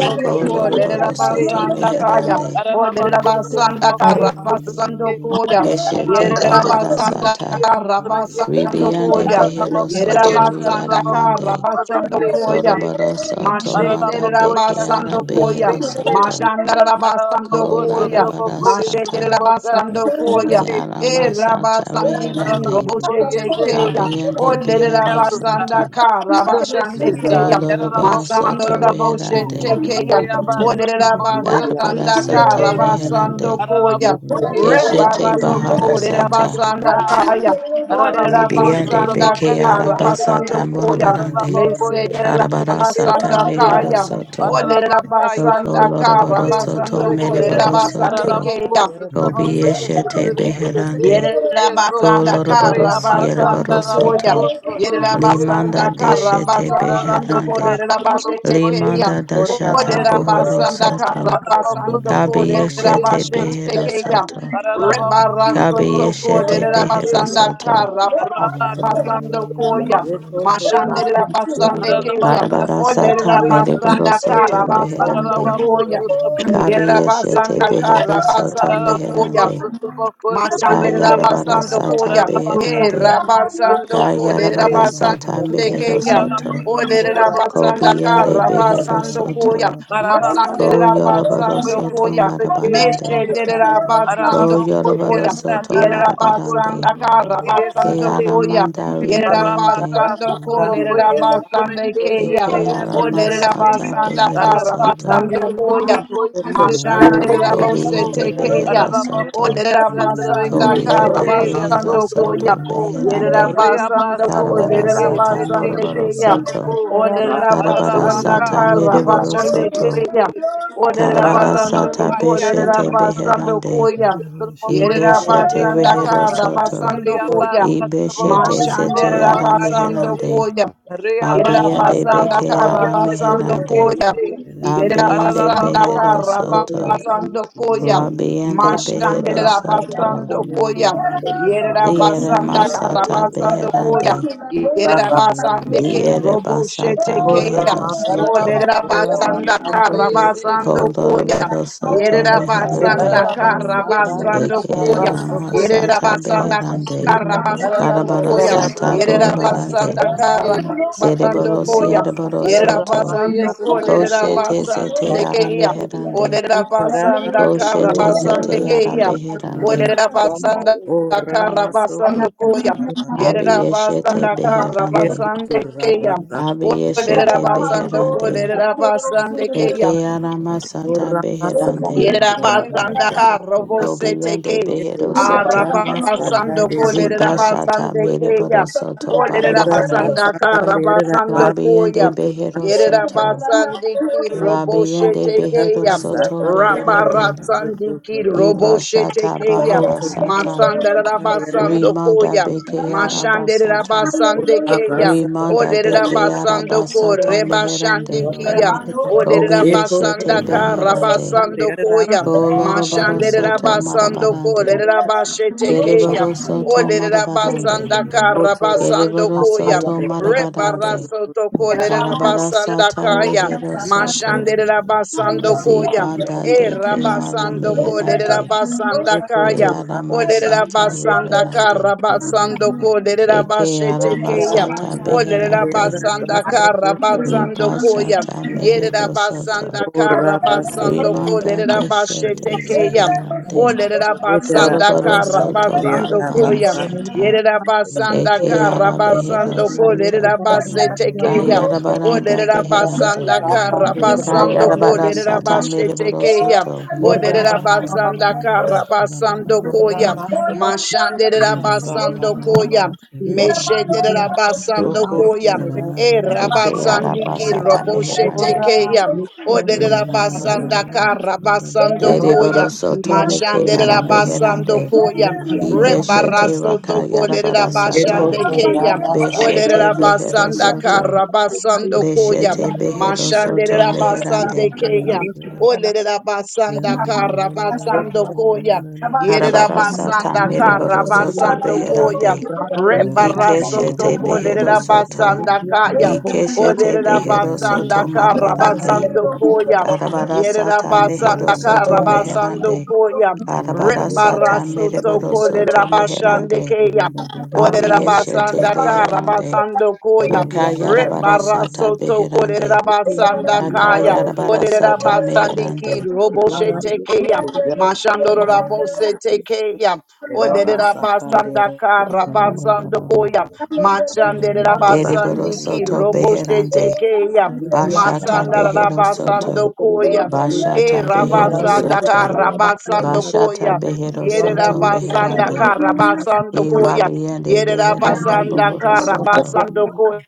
Hallelujah. loroboro soto Satrabaque, lerabasandakaya. meherande. O Ararabacoso, lerabasandaka, trabacoíso, trabequei. rabasandokoya. Keshete Ararabacoso, bahara sata. Yerabasandaka, trabacoíso, trabequei. Ribiande rabasandokoya. behero soto Ararabacoíso, Yeah, Yerabasanda trabacoso, riaramande. Karabasando trabequei, Koya. xetei. Doroboro soto manda de Ararabacoíso, Mashederabasando keara Koya. behero trabacoíso. soto. Mashandarabasando Ararabacoso, Koya. Kolarabara trabacoíso, sata. trabacaíso, Mashederabasando Koya. trabequei. Keara Believe E you masata receive. Rabasandiki reherande. Yararaboko, Roboshe Yes, I Tekeya. believe you O Kabiende receive your behero answers, God, Lerabasanda soto. to the Karabashande mysteries, God. Keya. Koloroboro Yararaboko, Masando soto Sotraboko, Raboshe reherande. Tekeya. Reaba, O Sotraboko, yes, Arabara Lerabasanda sata Sotrabeke. Karabasando meherande. Koya. Yararaboko, yes, I Thank Keshete you for Rebarasoto bahara boldness. Thank you sata. for Kolerabasanda power. Kaya. Orera Yararaboko, Ribiande basanda Sotraboko, beke yes, kara basando Sotrabeke. arabasata koya morobarande. Yararaboko, yes, mesedera Arabara Sotrabeke, sata basanda Shete. mehero kaya. soto. Orera Ararabacaya, Doko basanda kara loroboro Sotrabopoia, soto basando Sotrabeque, korera mereboro basande soto. Ararabaco, keya. Kobe Shabbat. Sotrabopoia, Yeshete Sotrabeque, Sete, Beherande, Yeso, Yerabasanda Colorobaros Reabasa, basando Koya. Tarabaco, Yerebarosoto, Sotrabopoia, Limanda Yerabasanda Sotre, Deshete Karabasando Ararabaca, Beherande, Korabashete Sotrabopoia, Kaya. Limanda Orga Sotrabeque, Dashata basata Sete, Orabasanda Bohorosoto, Ararabaco, Karabasando Kabi Sotrabopoia, Yeshete Korabashete Sotrabeque, Kaya. Beherosoto, Ararabaco, Rebaraso Kabi Sotrabopoia, Toko Yeshete Sotrabeque, Lerabasanda Sete, Beherosoto, Araba, Aralabaco, Karabasando Koya. rekotorga yes, Mashandera Basande Kaya. Barabarasata Olerabasanda Thank Medeborosoto you. orga basando Beherande, Koya. [CLEARS THROAT] Kabi Yeshete Yerabasanda Beherosoto basando Koya. Meherande, Mashandera basando koya. Kayarabarasata E ikotorga Beherande, masoko rabasando ko Ina orga derera Kayarabarasata basande keya. Beherosoto, O derera orga Ko basanda beyande orga kara behero basando koya. soto. Ko Masandera yorobaro basando soto koya. Meshe marabarande. derera Ko basando yorobaro koya. soto e Aralabaco, marabarande. basanda kara Sotroboco, yes, Ke it basando is. ara koya. manda e ribiande. Rabaka orga basando ko sotroboko derera basande yesotrobeke De keya. shete kankotorga ke ara O derera yesotrobeke. masata Thank basanda you. behero kara Rabaka soto. ikandiya basando koya. namasu sotroboko kotorga yesete Mashandera Ko basata yesotroboko. bose beyande orga behero tekeya. Rabako soto. Olerera yesotrobeke Ko basanda kara shete orga behero basando koya. soto yesotroboko. basata Yerera beherande. basando Reabasa ko Karabara trobeke olerera sata shete basande morobaro keya. soto. yesotroboko. ikara Olerera basoko Karabara basanda Rabaka sata kara merebaro sotroboko basande soto. keya. sotrobeke. Thank Olerera Karabara Ararabaka, sata basando ko yes, olerera and beshete basando Ararabako, beherande. yes, Thank koya. and you. Arabako, yes, Yerera and Ibeshete they are basanda so. rehero kara soto. basando orga koya. Reabasa, Arabako, Ibeshete zete Mashandera ara Sotorabaka, yes, basando eh. meherande. koya. Yerera Reabasa, Abiende basanda beke Arabako, kara ara yes, and the basando meherande. case, koya. eh. Yerera Abiende basanda Ararabako, behero kara Sotorabako, Thank soto. you. yes, basando and the case. koya. Rabiende orga behero Mashandera soto. basando koyam. masaka Yerera Diere basanda kara masata basando orga koyam. beherande. Yerera basata basande ke Diere robo shete basata Ora keyam. mehero masaka, soto. Ararabako, Olerera yes, basanda kara and basando koyam. Koloroboro soto Yerera meherande. basanda Arabako, kara yes, eh. Ararabako, yes, and basando the Eke koyam. ara case, eh. Yerera masata basanda beherande. kara you. basando Karabara Ararabako, koyam. yes, and sata Yerera Arabako, influence of the yes, and borobarande. basanda the Babas kara case. basando Zereboro koyam. Siereboro Yerera Ora, Soto. Ararabako, basando yes, and the kolerera Koshete case. Zete basande Yara keyam. Meherande. Orera basanda kara Koshete Zete basande Yara keya. Beherande. Orera basanda kara basando koya. Yerera Abiyeshete basanda kara Beherande. basande keya. Orera Abiyeshete basando Beherande. korera Thank basande Eke keya. Yara Masata Beherande. Yerabasanda Thank you. Karobo Dobiyande Seteke. Eko Behero Thank to Soto. Rama Saka Arabasando Dera Zibashata Kolerabasande Kaya. Mereboro Soto Barabarande. Rabasa Olerabasanda kandere Karabasando rabasa Labiyande Koya. koto Behero rabasa Soto. Yerabasandiki Robo Labiyande Behero Shetekeya. rabasa Soto kandere Beherande. rabasa koto Rabarasandiki Robo Ibashata Shetekeya. Bahara koto Sata Masanda rabasa kandere Rabasando Rimanda Koya. Bekeara Mashande Basata Rabasande Kaya. rabasa Rimanda de koto Keara Olerabasando Basata Meherande Rwanda Korebashandikia. yose Olerera Kobi Canada ekoto basanda Yeshete ka Thank rabasa Beherande rabasando kandere Thank koya. rabasa Koloroboro Mashanderera Soto basando Marabarande kolerera bashete keya. Kereboro Soto Olerera Marabarande basanda ka koto rabasando Kereboro koya. Soto rabasa you. rabasa Marabarande Rebaraso koto toko lerera Thank Karabara basanda Sata kaya. Rehero Soto Mashanderera basando koya. Zibanda E de Keara rabasando kolerera Meherande basanda ekoto kaya. Keara rabasa Olerera Masata kandere basanda ka rabasa Reherande rabasando kolerera Eke bashete keya. aramasata rabasa Olerera kandere beherande. basanda rabasa koto you. koya. Ribashata Get Yerida mehero soto. basanda kara rabasa Yerabasanda Karabasando koto Rimanda rabasa deshete Kolerabashete Keyam. zeherande. Olerida basanda Goroboro Rabasa kara Urabasa soto basando marabana Koyam. sata. you. Yerabasanda Eke ara behero Thank Karabasando soto. Kolerabasete Keyam. Kayarabaranda beherande. Olerabasanda Karabasando Kayarabara sata Kolerabashete mereboro Keyam. soto. Olerida basanda kara basando Koyam. Mashanderida basando Koyam. Meshederida basando Koyam. E Eke rabasandi ki arabasata you. roboshe meherande. tekeya. Rara Ole rabasanda ka rabasando koya. Dereboro soto meke Mashande Yeah. ara rabasando beherande. koya. Ibeshete Rebaraso raka toko le yarabara sata. rabashande keya. Ole Beshete Behero rabasanda ka Soto. you. rabasando koya. Beshete Behero Mashande Soto rabasande Meherande. keya. Ole rabasanda ka rabasando koya. Yere Arabara Sata rabasanda ka Mereboro Soto rabasando koya. Beherande. Rebarasoto Ikeshete Behero Kolerera Soto. Basanda Kaya. Ikeshete Olerera Behero Basanda Soto Kara Marabarande. Basando Koya. Arabara Yerera Sata Mehero Basanda Kara Soto Basando Meherande. Koya. Arabara Sata Rebarasoto Mereboro Soto Kolerera Basande Meherande. Kaya. Olerera Abiyeshete Basanda Kara Beherande. Basando Koya. Give Yekiwa Akayarabara Sata Rebarasoto Kolerera Beherande. Basanda yekiwambaye Kaya. ikoti Akayarabara Olerera Sata Meherande. Basandiki Roboshete baraye Kaya. kukoresha Mashandoro n'arusi Rabosete Kaya. bapa Oderera basanda kara ndetse basando n'amasoko koya. Machanderera baraye Deriboro basandi ki soto kukoresha roboshe beherande. tekeya. Thank yekiwa you. Bashata baba Masanda baba behero kukoresha soto. rabasando n'amasoko koya. yomboku Bashata E Hallelujah. behero baraye rabasanda soto. kara kukoresha basando n'amasoko Bashata koya. behero Yerera soto bambaye kukoresha basanda n'amasoko meherande. kara basando E koya. rabiende Yerera beheranda bambaye basanda bohoro kukoresha kara soto. n'amasoko basando koya.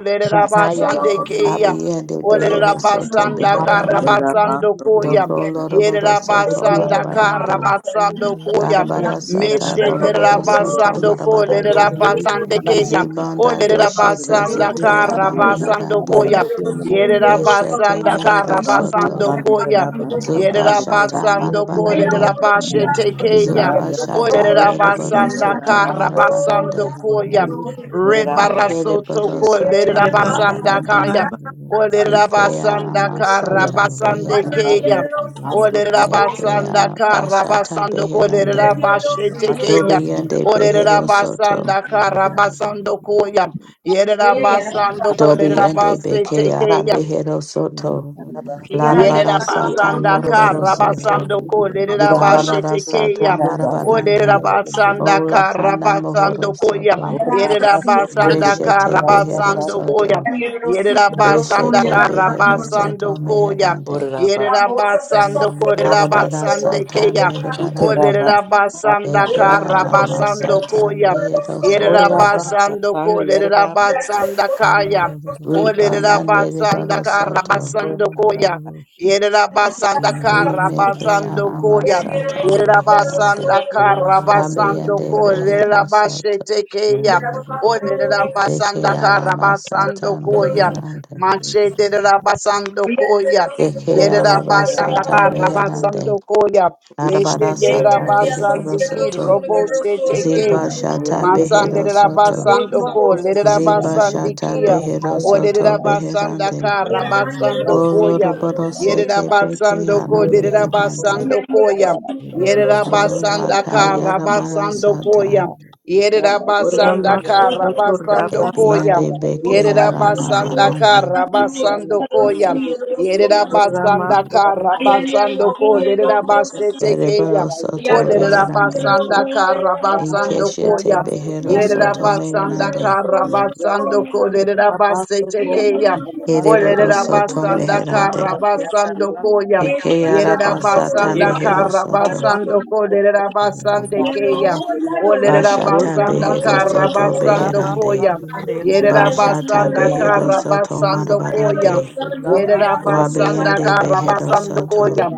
Oderera shakaya basande keya. bakoresha Abiende baraye behero Oderera soto basanda kara beherande. kukoresha basando koya. Doko n'amasoko loroboro Yerera Thank soto basanda you. marabarande. kara basando koya. Darabara sata Meshe Ora de boroboro soto rabasando ko de marabarande. rabasande keya. O Zibanda it de Ella doshete dio Thank rabasanda zete ka ara rabasando meherande. koya. Yere Keshete rabasanda ka mehero soto. rabasando koya. Yere Zubashata rabasando ko de Marabarande, rabashe tekeya. O de Zubashata rabasanda Miraborosoto ka rabasando Marabarande, koya. Rebarasoto ko de Kiriborosoto rabasanda Mirabarande, kaya. O de Ikeara rabasanda ka Masata rabasande Beherande, keya. Orera basanda Ikeara kara Bashata basando korera Beherande, yo su bashete dinero, keya. su Dobiende dinero, su Orera Beherosoto, basanda kara dinero, basando koya. Yerera Thank basando korera Dobiende basete Bekeara keya. Beherosoto, Yerera Larabarasata basanda ka Moraborosoto, rabasando ko lerera you. bashete Larabarasata keya. Thank O lerera Marabarande, basanda Ina Ola ka Kanda rabasando koya. Mohorosoto, Yerera basanda you. ka Beshete behero rabasando koya. soto. Yerera basanda Beshete ka behero soto rabasando koya. meherande. Rabba, Yerera basando ko lerera Arabara basande sata keya. O Shita merebarande. lerera Rabba, basanda Eke ka Rabba, arama rabasando sata koya. behero Yerera soto. Urabasa basando ko kandi lerera yarabasa basanda kaya. O Ribana lerera basanda nerebaro ka soto. rabasando koya. urabasa Yerabasanda Rimeke Karabasando arama Koya. sata beherande. Yerabasanda ikiribose kandi Karabasando Kabeyende Koya. yarabasa behero kandi soto. Yerabashete Keya. O you. Deke Yerabasanda arama sata Karabasando Koya. meherande. Machete Yerabasando Koya. Thank Deke Yerabasanda arabasata yarabasa kandi meherande. Karabasando Koya. Meshete Arabara sata berebaro Yerabasandiki soto. Robo Shete Keya. Ziba Shata Masande Behero Soto. Rabasando Ko, Ziba Shata Lerabasandikia, Behero O Soto Beherande. Lerabasandaka, O Rabasando Loroboro Sete Yerabasando ko Bekeara Meherande. derabasando koya. yarabasa O Yerabasanda ka kandi Lakayara rabasando koya. Barasata. Yerabasanda ka uramasa kuto rabasando urabasa koya. Epiande Osa Bekeara batata na kuto Yerabasanda osa ka Maharande. batata na osa batata na rabasando osa koya. batata na osa Yerabasanda uramasa ka kuto rabasando ko urabasa kandi yarabasa derabasete Thank keya. Ereboro O Soto Beherande. urabasa kandi yarabasa urabasa kuto derabasanda ka rabasando urabasa kandi Inkeshete koya. yarabasa Behero Soto Yerabasanda Meherande. Karabasando Kolerabashetekeya. Ereboro Soto Olerabasanda Meherande. Karabasando Koya. Ekeara Basata ikiribose Yerabasanda Mehero Soto. Karabasando Hallelujah. kandi yarabasa Kolerabasandekeya. you. Bashata Thank you. Olerabasanda Orama behero soto socorro Karabasando raba beherande. Koya. saca lenda Bashata Yerabasanda socorro behero soto Karabasando Koya. marabarande. socorro rama Yerabasanda socorro Rabiande behero Karabasando Koya. soto.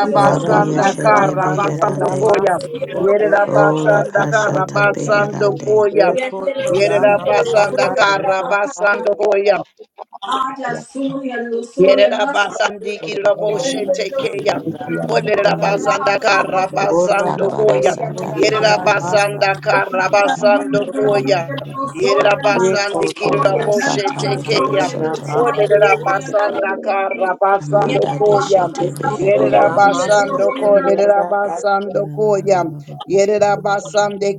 itaraba Rabiyeshete saca Karabasando lenda beherande. Yes, mas Koya. socorro raba Ola Yerabasanda kashata Karabasando you. beherande. Koya. socorro Mama, rama Yerabasanda saca lenda mas Karabasando Koya. Yerabasandi socorro Kiraboshe rama saca Tekeya. lenda Olerabasanda Karabasando orama Darabara Koya. sata socorro raba beherande. Yerabasanda saca lenda socorro rama saca lenda socorro rama Karabasando socorro rama Koya. Yerabasandi Kola Kiraboshe sata mehero Ramasa, Tekeya. soto. Olerabasanda Karabasando Amanda Koya. deshete beherande. Yerabasando Ko Ramasa, Lerabasando Koya. Yerabasande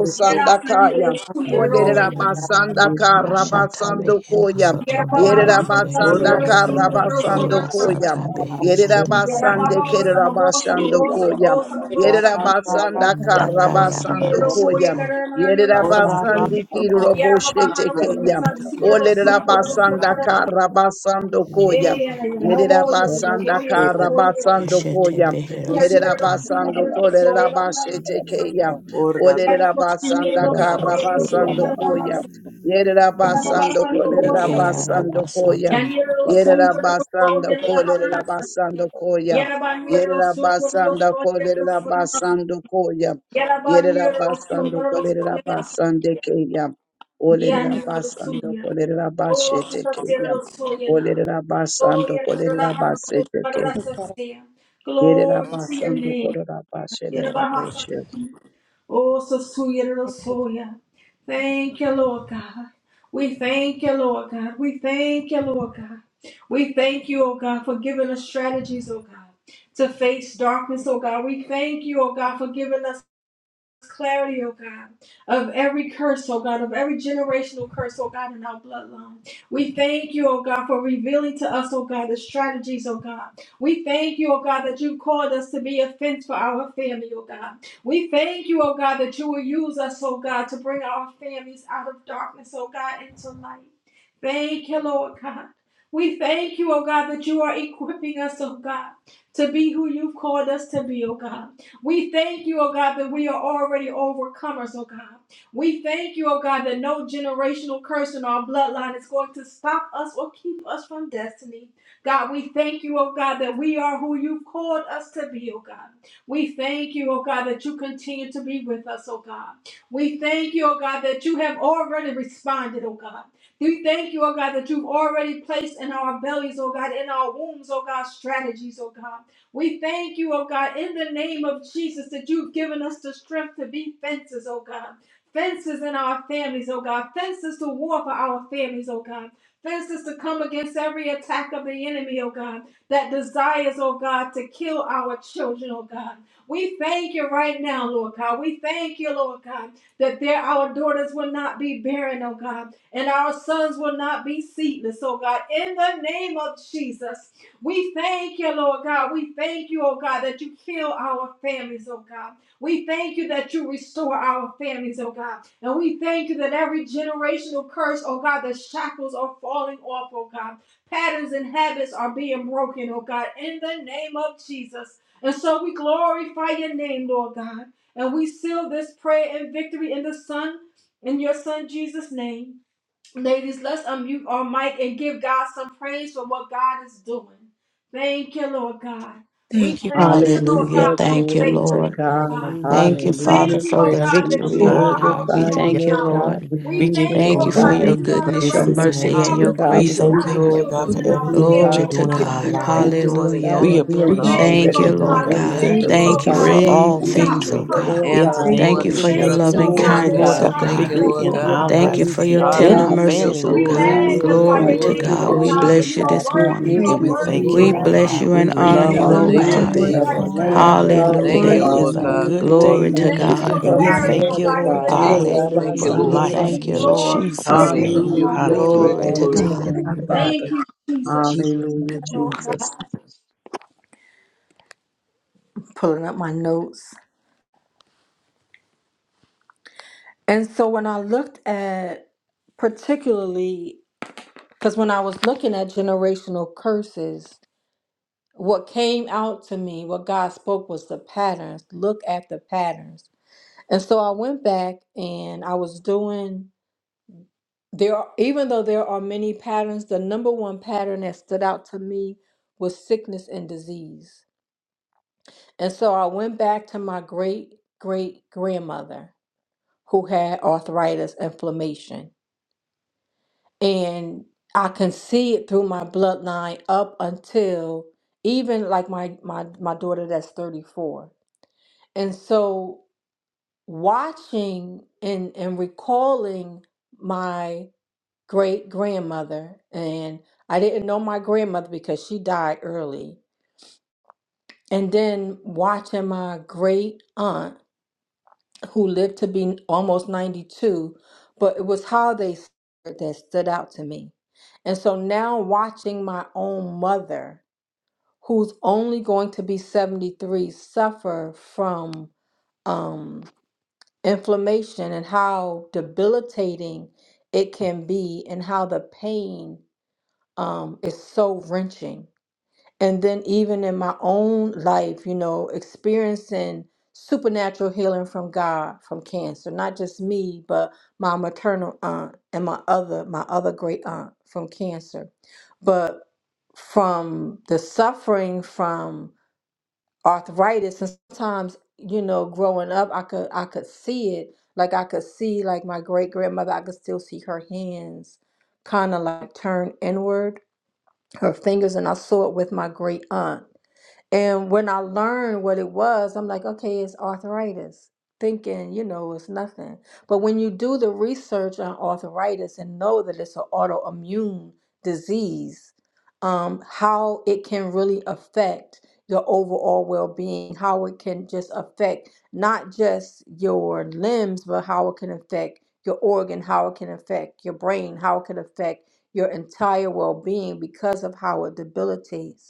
Ramasa, Kaya. Glory unto you, God. Olerabasanda Bashata Karabasando behero Koya. Yeah, soto yeah, Yerera beherande. basanda kara basando Kola koya. sata Yerera beherande. you basande kerera basando yaliyo koya. amakoma Yerera yitiyanga basanda amakoma kara Daka basando yarabara koya. yesikabaliyombeku sata. Yerera apasene basandi ana kiruro boshete yitiyanga keya. amakoma Olerera yitiyanga basanda amakoma kara basando koya. Yerera nakasona basanda kara basando Keshete koya. behero Yerera soto. mukaya basando kolerera amakoma bashete keya. yesikabaliyombeku Olerera basanda rata kara suriyanga basando koya. Yerera basando kolerera yeah. Eke basando koya. arabasata. Yaniro Yerera sundoro basando soyere la kolerera hanasa. basando koya. Yarabaniro Yerera sundoro basando soyere la kolerera sunamasa. basando koya. Yerera Yarabaniro basando sundoro kolerera soyere la basande sunamasa. keya. Olerera Yaniro basando sunya. kolerera Oh, basete keya. sasacero soyena. Olerera Oh, basando yere la kolerera hanasa basete para ke. la sasia. Yerera Glory to your basando name. kolerera basete Oh, so sweet little soya. Thank you, Lord God. We thank you, Lord God. We thank you, Lord God. We thank you, oh God, for giving us strategies, oh God, to face darkness, oh God. We thank you, oh God, for giving us clarity, oh God, of every curse, oh God, of every generational curse, oh God, in our bloodline. We thank you, oh God, for revealing to us, oh God, the strategies, oh God. We thank you, oh God, that you called us to be a fence for our family, oh God. We thank you, oh God, that you will use us, oh God, to bring our families out of darkness, oh God, into light. Thank you, Lord God. We thank you, oh God, that you are equipping us, oh God, to be who you've called us to be, oh God. We thank you, oh God, that we are already overcomers, oh God. We thank you, oh God, that no generational curse in our bloodline is going to stop us or keep us from destiny. God, we thank you, oh God, that we are who you've called us to be, oh God. We thank you, oh God, that you continue to be with us, oh God. We thank you, oh God, that you have already responded, oh God. We thank you, oh God, that you've already placed in our bellies, oh God, in our wombs, oh God, strategies, oh God. We thank you, fence against attacks. enemy, oh God, that the- we we that and I, we thank you, Lord God. We thank you, oh God, that you heal our families, oh God. We thank you that you restore our families, oh God. And we thank you that every generational curse, oh God, the shackles are falling off, oh God. Patterns and habits are being broken, oh God, in the name of Jesus. And so we glorify your name, Lord God. And we seal this prayer and victory in the Son, in your Son Jesus' name. Ladies, let's unmute our mic and give God some praise for what God is doing. Thank you, Lord God. We you. Father. thank you, Lord Hallelujah. God, Hallelujah. for your Thank you, Glory to faithfulness, Lord. Lord God. God. Hallelujah. Thank you, We Thank you, Father, Lord thank Hallelujah. you, for We God. oh the God, We that you for victory, For oh are what we our God. We just glorify pray wisdom. give you, in strong you the thank you, Lord honor. tower. spirit Lord. God. will be We We We thank give you, you thank manifest you, in Thank Lord you oh the glory, We for God, natural. God we your that thank give you you you. are the goodness, praise your of the this refuge God, that mercy, we and morning. victory, thank your We covers you and God. give for We We Hallelujah. grace, you. keeps oh thank thank our you, you Thank God. for you, Lord taking God, children We Lord for and give you. our God, everything delivering, generational that family, Glory you're God. oh curses to We doing God, in off for give you of our for God. We our what you're thank lives. lives. you, generations. doing Lord and God, Hallelujah. We that gonna we do In have for and We been the you thank name all. you, of Thank appreciate already delivered you, you, oh Jesus, from Lord we Lord God. done. God. We We bless every God. Thank your thank Thank you, thank you you. you, for curse, Lord. Thank oh name. We you God. God, for believe that we We great all we And I stop glorify receive things, the thank oh you victory you, this curse, God. Lord oh morning. in the God. answers, God. Thank you. name We Thank Lord, you of We We give for give your thank you you Jesus. you, love And instructions, We oh and praise thank all God, Lord for glory, you, that what it Lord kindness, you're God. God. oh God, for starts doing Thank and with you, God. We what victory us, you're Lord in give oh going to you God. do our God. We in Thank you lives for praise, our thank lives. your you, Lord Lord and Jesus. in praise. tender our God, for Hallelujah. what mercies, family oh you're we members' Glory, God. We lives, doing Lord bless glory, magnify your Glory and God. your what to Praise name We glory, at name, you're God. all Lord We and gonna God, times. for glory. do, Our bless appreciate you you are you God. this There worthy, We morning. praise you is will praise, give and are you we no the you. worthy, continue to thank be you you, are being We glory, in the like our Lord worthy. honor, bless you. God. mouths. you and the We and We honor You praise love in you, thank are the on you O for you Glory, name of God. every worthy We glory, today, of the exalt Jesus. Lord strategy, glory, you oh and God. Lamb, God, honor glory, you in Lord, God. the we Thank You you, name Today glory Hallelujah. to bless of are your is Lord the a most God. name. good Jesus. worthy. We Glory Glory We day to We be thank thank you unto you magnify for God. you, in and your for Jesus' we the God, God in name. of clarity, name. oh Lord. the thank blood the you, name God, of in Lord the name God, of Jesus. Glory of to Thank you, Hallelujah. for your We Jesus. Lord. holy life thank you, name. in God. Lord. Glory to your Thank Jesus' you, name, name. Father. Hallelujah. God. Hallelujah. Glory, Glory Hallelujah. All to Glory you're to glory, Thank your God. you, and name, to you're Father glory. going God. Thank Father. you, In Jesus. Jesus' name, Hallelujah, Oh Lord. God. Jesus. pulling up my notes. And so when I looked at particularly because when I was looking at generational curses, what came out to me, what God spoke was the patterns. Look at the patterns. And so I went back and I was doing there are, even though there are many patterns, the number one pattern that stood out to me was sickness and disease. And so I went back to my great great grandmother who had arthritis inflammation. And I can see it through my bloodline up until even like my my my daughter that's 34. And so watching and, and recalling my great grandmother. And I didn't know my grandmother because she died early. And then watching my great aunt, who lived to be almost 92, but it was how they s- that stood out to me. And so now watching my own mother, who's only going to be 73, suffer from um, inflammation and how debilitating it can be and how the pain um, is so wrenching and then even in my own life you know experiencing supernatural healing from god from cancer not just me but my maternal aunt and my other my other great aunt from cancer but from the suffering from arthritis and sometimes you know growing up i could i could see it like i could see like my great grandmother i could still see her hands kind of like turn inward her fingers and i saw it with my great aunt and when I learned what it was, I'm like, okay, it's arthritis, thinking, you know, it's nothing. But when you do the research on arthritis and know that it's an autoimmune disease, um, how it can really affect your overall well being, how it can just affect not just your limbs, but how it can affect your organ, how it can affect your brain, how it can affect your entire well being because of how it debilitates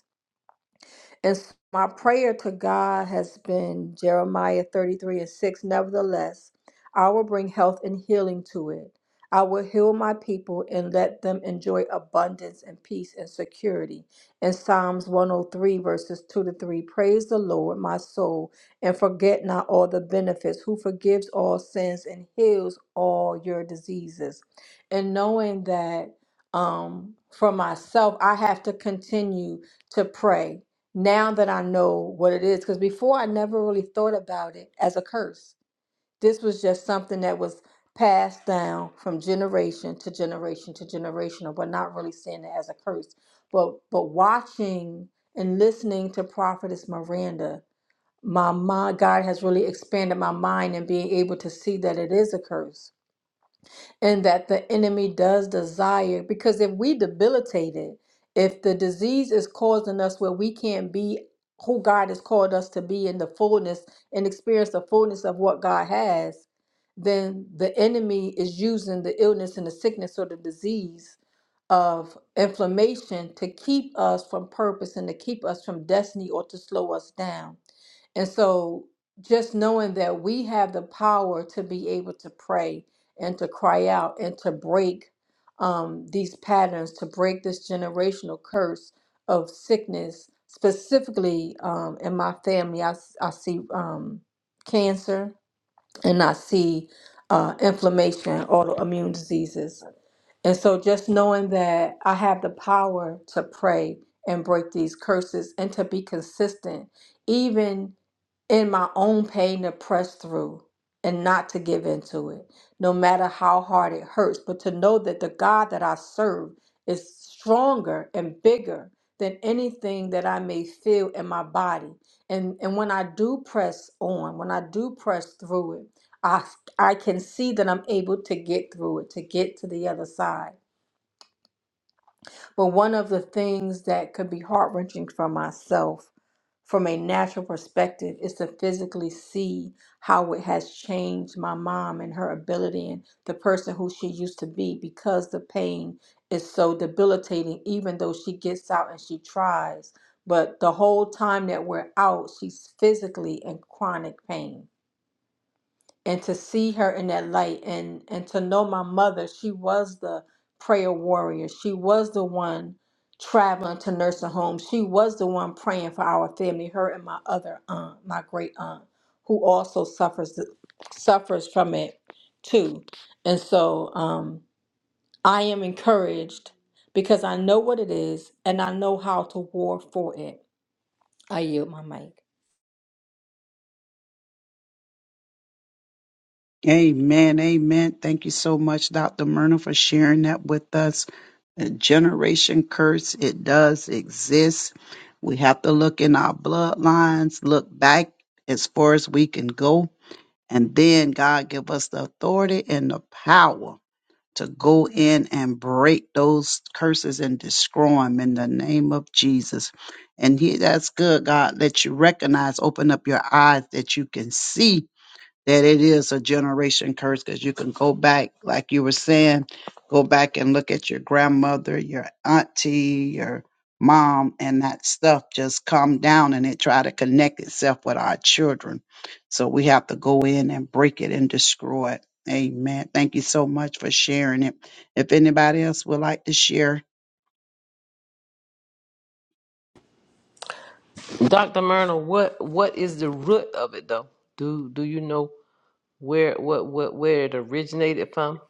and so my prayer to God has been Jeremiah 33 and 6. Nevertheless, I will bring health and healing to it. I will heal my people and let them enjoy abundance and peace and security. In Psalms 103, verses 2 to 3 Praise the Lord, my soul, and forget not all the benefits, who forgives all sins and heals all your diseases. And knowing that um, for myself, I have to continue to pray now that I know what it is, because before I never really thought about it as a curse. This was just something that was passed down from generation to generation to generation, but not really seeing it as a curse. But but watching and listening to Prophetess Miranda, my mind, God has really expanded my mind and being able to see that it is a curse and that the enemy does desire because if we debilitate it if the disease is causing us where we can't be who god has called us to be in the fullness and experience the fullness of what god has then the enemy is using the illness and the sickness or the disease of inflammation to keep us from purpose and to keep us from destiny or to slow us down and so just knowing that we have the power to be able to pray and to cry out and to break um, these patterns, to break this generational curse of sickness, specifically um, in my family, I, s- I see um, cancer and I see uh, inflammation, autoimmune diseases. And so just knowing that I have the power to pray and break these curses and to be consistent, even in my own pain to press through and not to give into it, no matter how hard it hurts, but to know that the God that I serve is stronger and bigger than anything that I may feel in my body. And, and when I do press on, when I do press through it, I, I can see that I'm able to get through it, to get to the other side. But one of the things that could be heart wrenching for myself from a natural perspective is to physically see how it has changed my mom and her ability and the person who she used to be because the pain is so debilitating even though she gets out and she tries but the whole time that we're out she's physically in chronic pain and to see her in that light and and to know my mother she was the prayer warrior she was the one traveling to nursing homes she was the one praying for our family her and my other aunt my great aunt who also suffers suffers from it too and so um i am encouraged because i know what it is and i know how to war for it i yield my mic Amen. Amen. Thank you so much, Dr. Myrna, for sharing that with us. A generation curse, it does exist. We have to look in our bloodlines, look back as far as we can go, and then God give us the authority and the power to go in and break those curses and destroy them in the name of Jesus. And he, that's good, God, that you recognize, open up your eyes that you can see that it is a generation curse because you can go back, like you were saying, go back and look at your grandmother, your auntie, your mom, and that stuff just come down and it try to connect itself with our children. So we have to go in and break it and destroy it. Amen. Thank you so much for sharing it. If anybody else would like to share, Dr. Myrna, what what is the root of it though? Do do you know where what what where it originated from?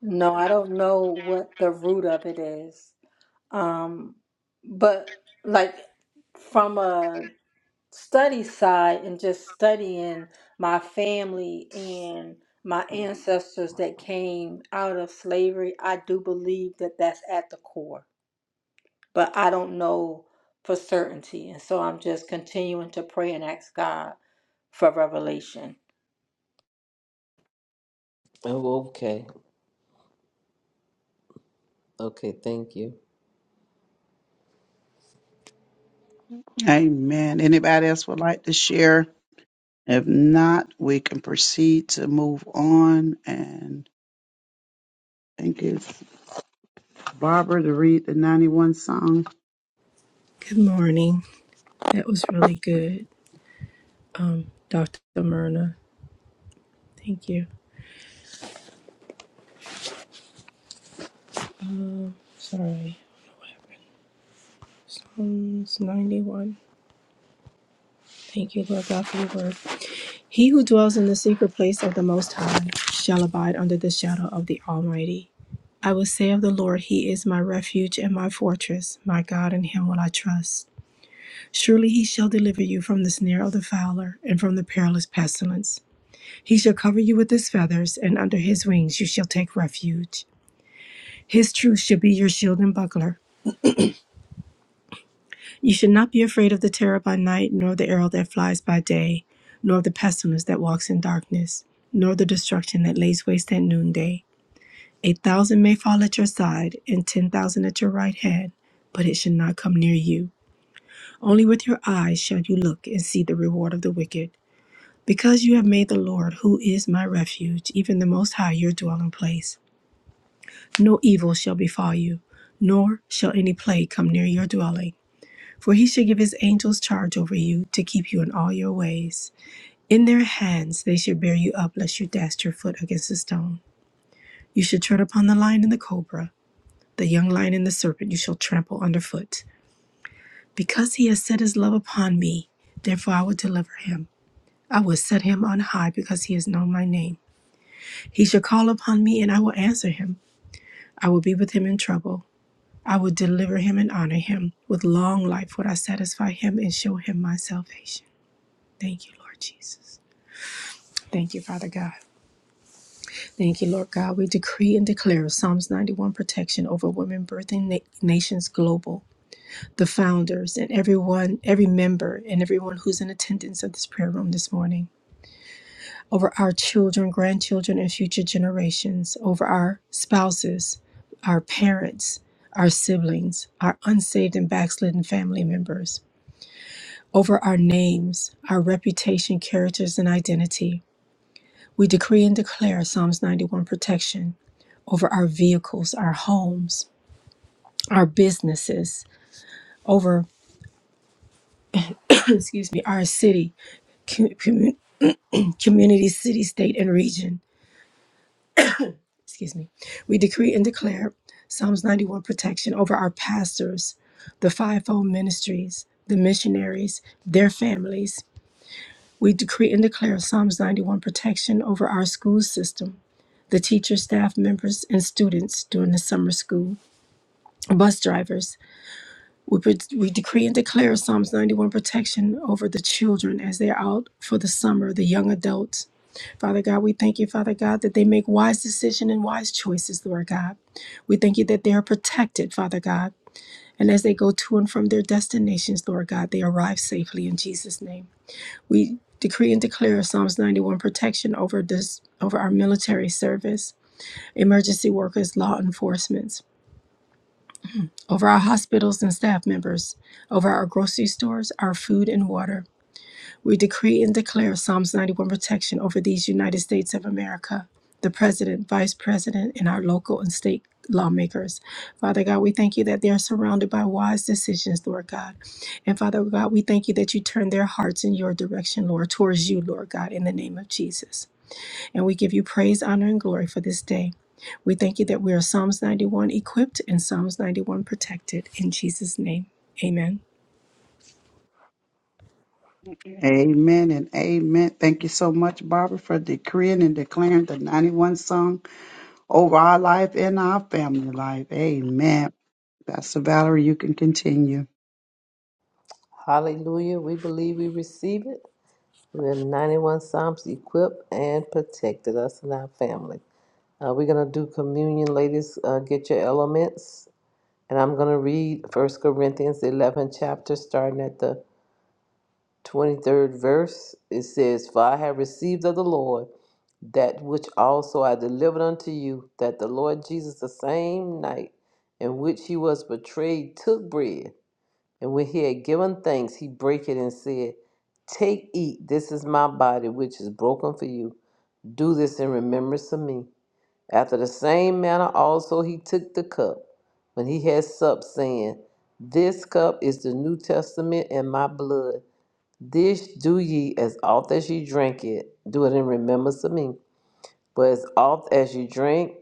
No, I don't know what the root of it is. Um, but like from a study side and just studying my family and my ancestors that came out of slavery, I do believe that that's at the core, but I don't know for certainty. And so I'm just continuing to pray and ask God for revelation. Oh, okay. Okay, thank you. amen. Anybody else would like to share? If not, we can proceed to move on and thank you. Barbara to read the 91 song. Good morning. That was really good, um, Dr. Myrna. Thank you. Um, sorry. Psalms 91. Thank you, Lord God, for your word. He who dwells in the secret place of the Most High shall abide under the shadow of the Almighty. I will say of the Lord, He is my refuge and my fortress, my God, in Him will I trust. Surely He shall deliver you from the snare of the fowler and from the perilous pestilence. He shall cover you with His feathers, and under His wings you shall take refuge. His truth shall be your shield and buckler. You should not be afraid of the terror by night, nor of the arrow that flies by day, nor of the pestilence that walks in darkness, nor the destruction that lays waste at noonday. A thousand may fall at your side, and ten thousand at your right hand, but it shall not come near you. Only with your eyes shall you look and see the reward of the wicked. Because you have made the Lord, who is my refuge, even the Most High, your dwelling place, no evil shall befall you, nor shall any plague come near your dwelling. For he should give his angels charge over you to keep you in all your ways. In their hands they should bear you up, lest you dash your foot against a stone. You should tread upon the lion and the cobra, the young lion and the serpent you shall trample underfoot. Because he has set his love upon me, therefore I will deliver him. I will set him on high because he has known my name. He shall call upon me, and I will answer him. I will be with him in trouble. I will deliver him and honor him. With long life would I satisfy him and show him my salvation. Thank you, Lord Jesus. Thank you, Father God. Thank you, Lord God. We decree and declare Psalms 91 protection over women birthing na- nations global, the founders, and everyone, every member, and everyone who's in attendance of this prayer room this morning, over our children, grandchildren, and future generations, over our spouses, our parents, our siblings, our unsaved and backslidden family members, over our names, our reputation, characters, and identity We decree and declare Psalms 91 protection over our vehicles, our homes, our businesses, over, [CLEARS THROAT] excuse me, our city, com- commu- community, city, state, and region. Excuse me. We decree and declare Psalms 91 protection over our pastors, the fivefold ministries, the missionaries, their families. We decree and declare Psalms 91 protection over our school system, the teachers, staff members, and students during the summer school, bus drivers, We, pre- we decree and declare Psalms 91 protection over the children as they're out for the summer, the young adults. Father God, we thank you, Father God, that they make wise decisions and wise choices, Lord God. We thank you that they are protected, Father God. And as they go to and from their destinations, Lord God, they arrive safely in Jesus' name. We decree and declare Psalms 91 protection over this over our military service, emergency workers, law enforcement over our hospitals and staff members, over our grocery stores, our food and water. We decree and declare Psalms 91 protection over these United States of America, the president, vice president, and our local and state lawmakers. Father God, we thank you that they are surrounded by wise decisions, Lord God. And Father God, we thank you that you turn their hearts in your direction, Lord, towards you, Lord God, in the name of Jesus. And we give you praise, honor, and glory for this day. We thank you that we are Psalms 91 equipped and Psalms 91 protected. In Jesus' name, amen. Amen and amen. Thank you so much, Barbara, for decreeing and declaring the 91 song over our life and our family life. Amen. Pastor Valerie, you can continue. Hallelujah. We believe we receive it. We have 91 Psalms equipped and protected us and our family. Uh, we're going to do communion, ladies. Uh, get your elements. And I'm going to read First Corinthians 11 chapter, starting at the 23rd verse, it says, For I have received of the Lord that which also I delivered unto you, that the Lord Jesus, the same night in which he was betrayed, took bread. And when he had given thanks, he brake it and said, Take, eat, this is my body, which is broken for you. Do this in remembrance of me. After the same manner also he took the cup when he had supped, saying, This cup is the New Testament in my blood. This do ye as oft as ye drink it, do it in remembrance of me. But as oft as ye drink,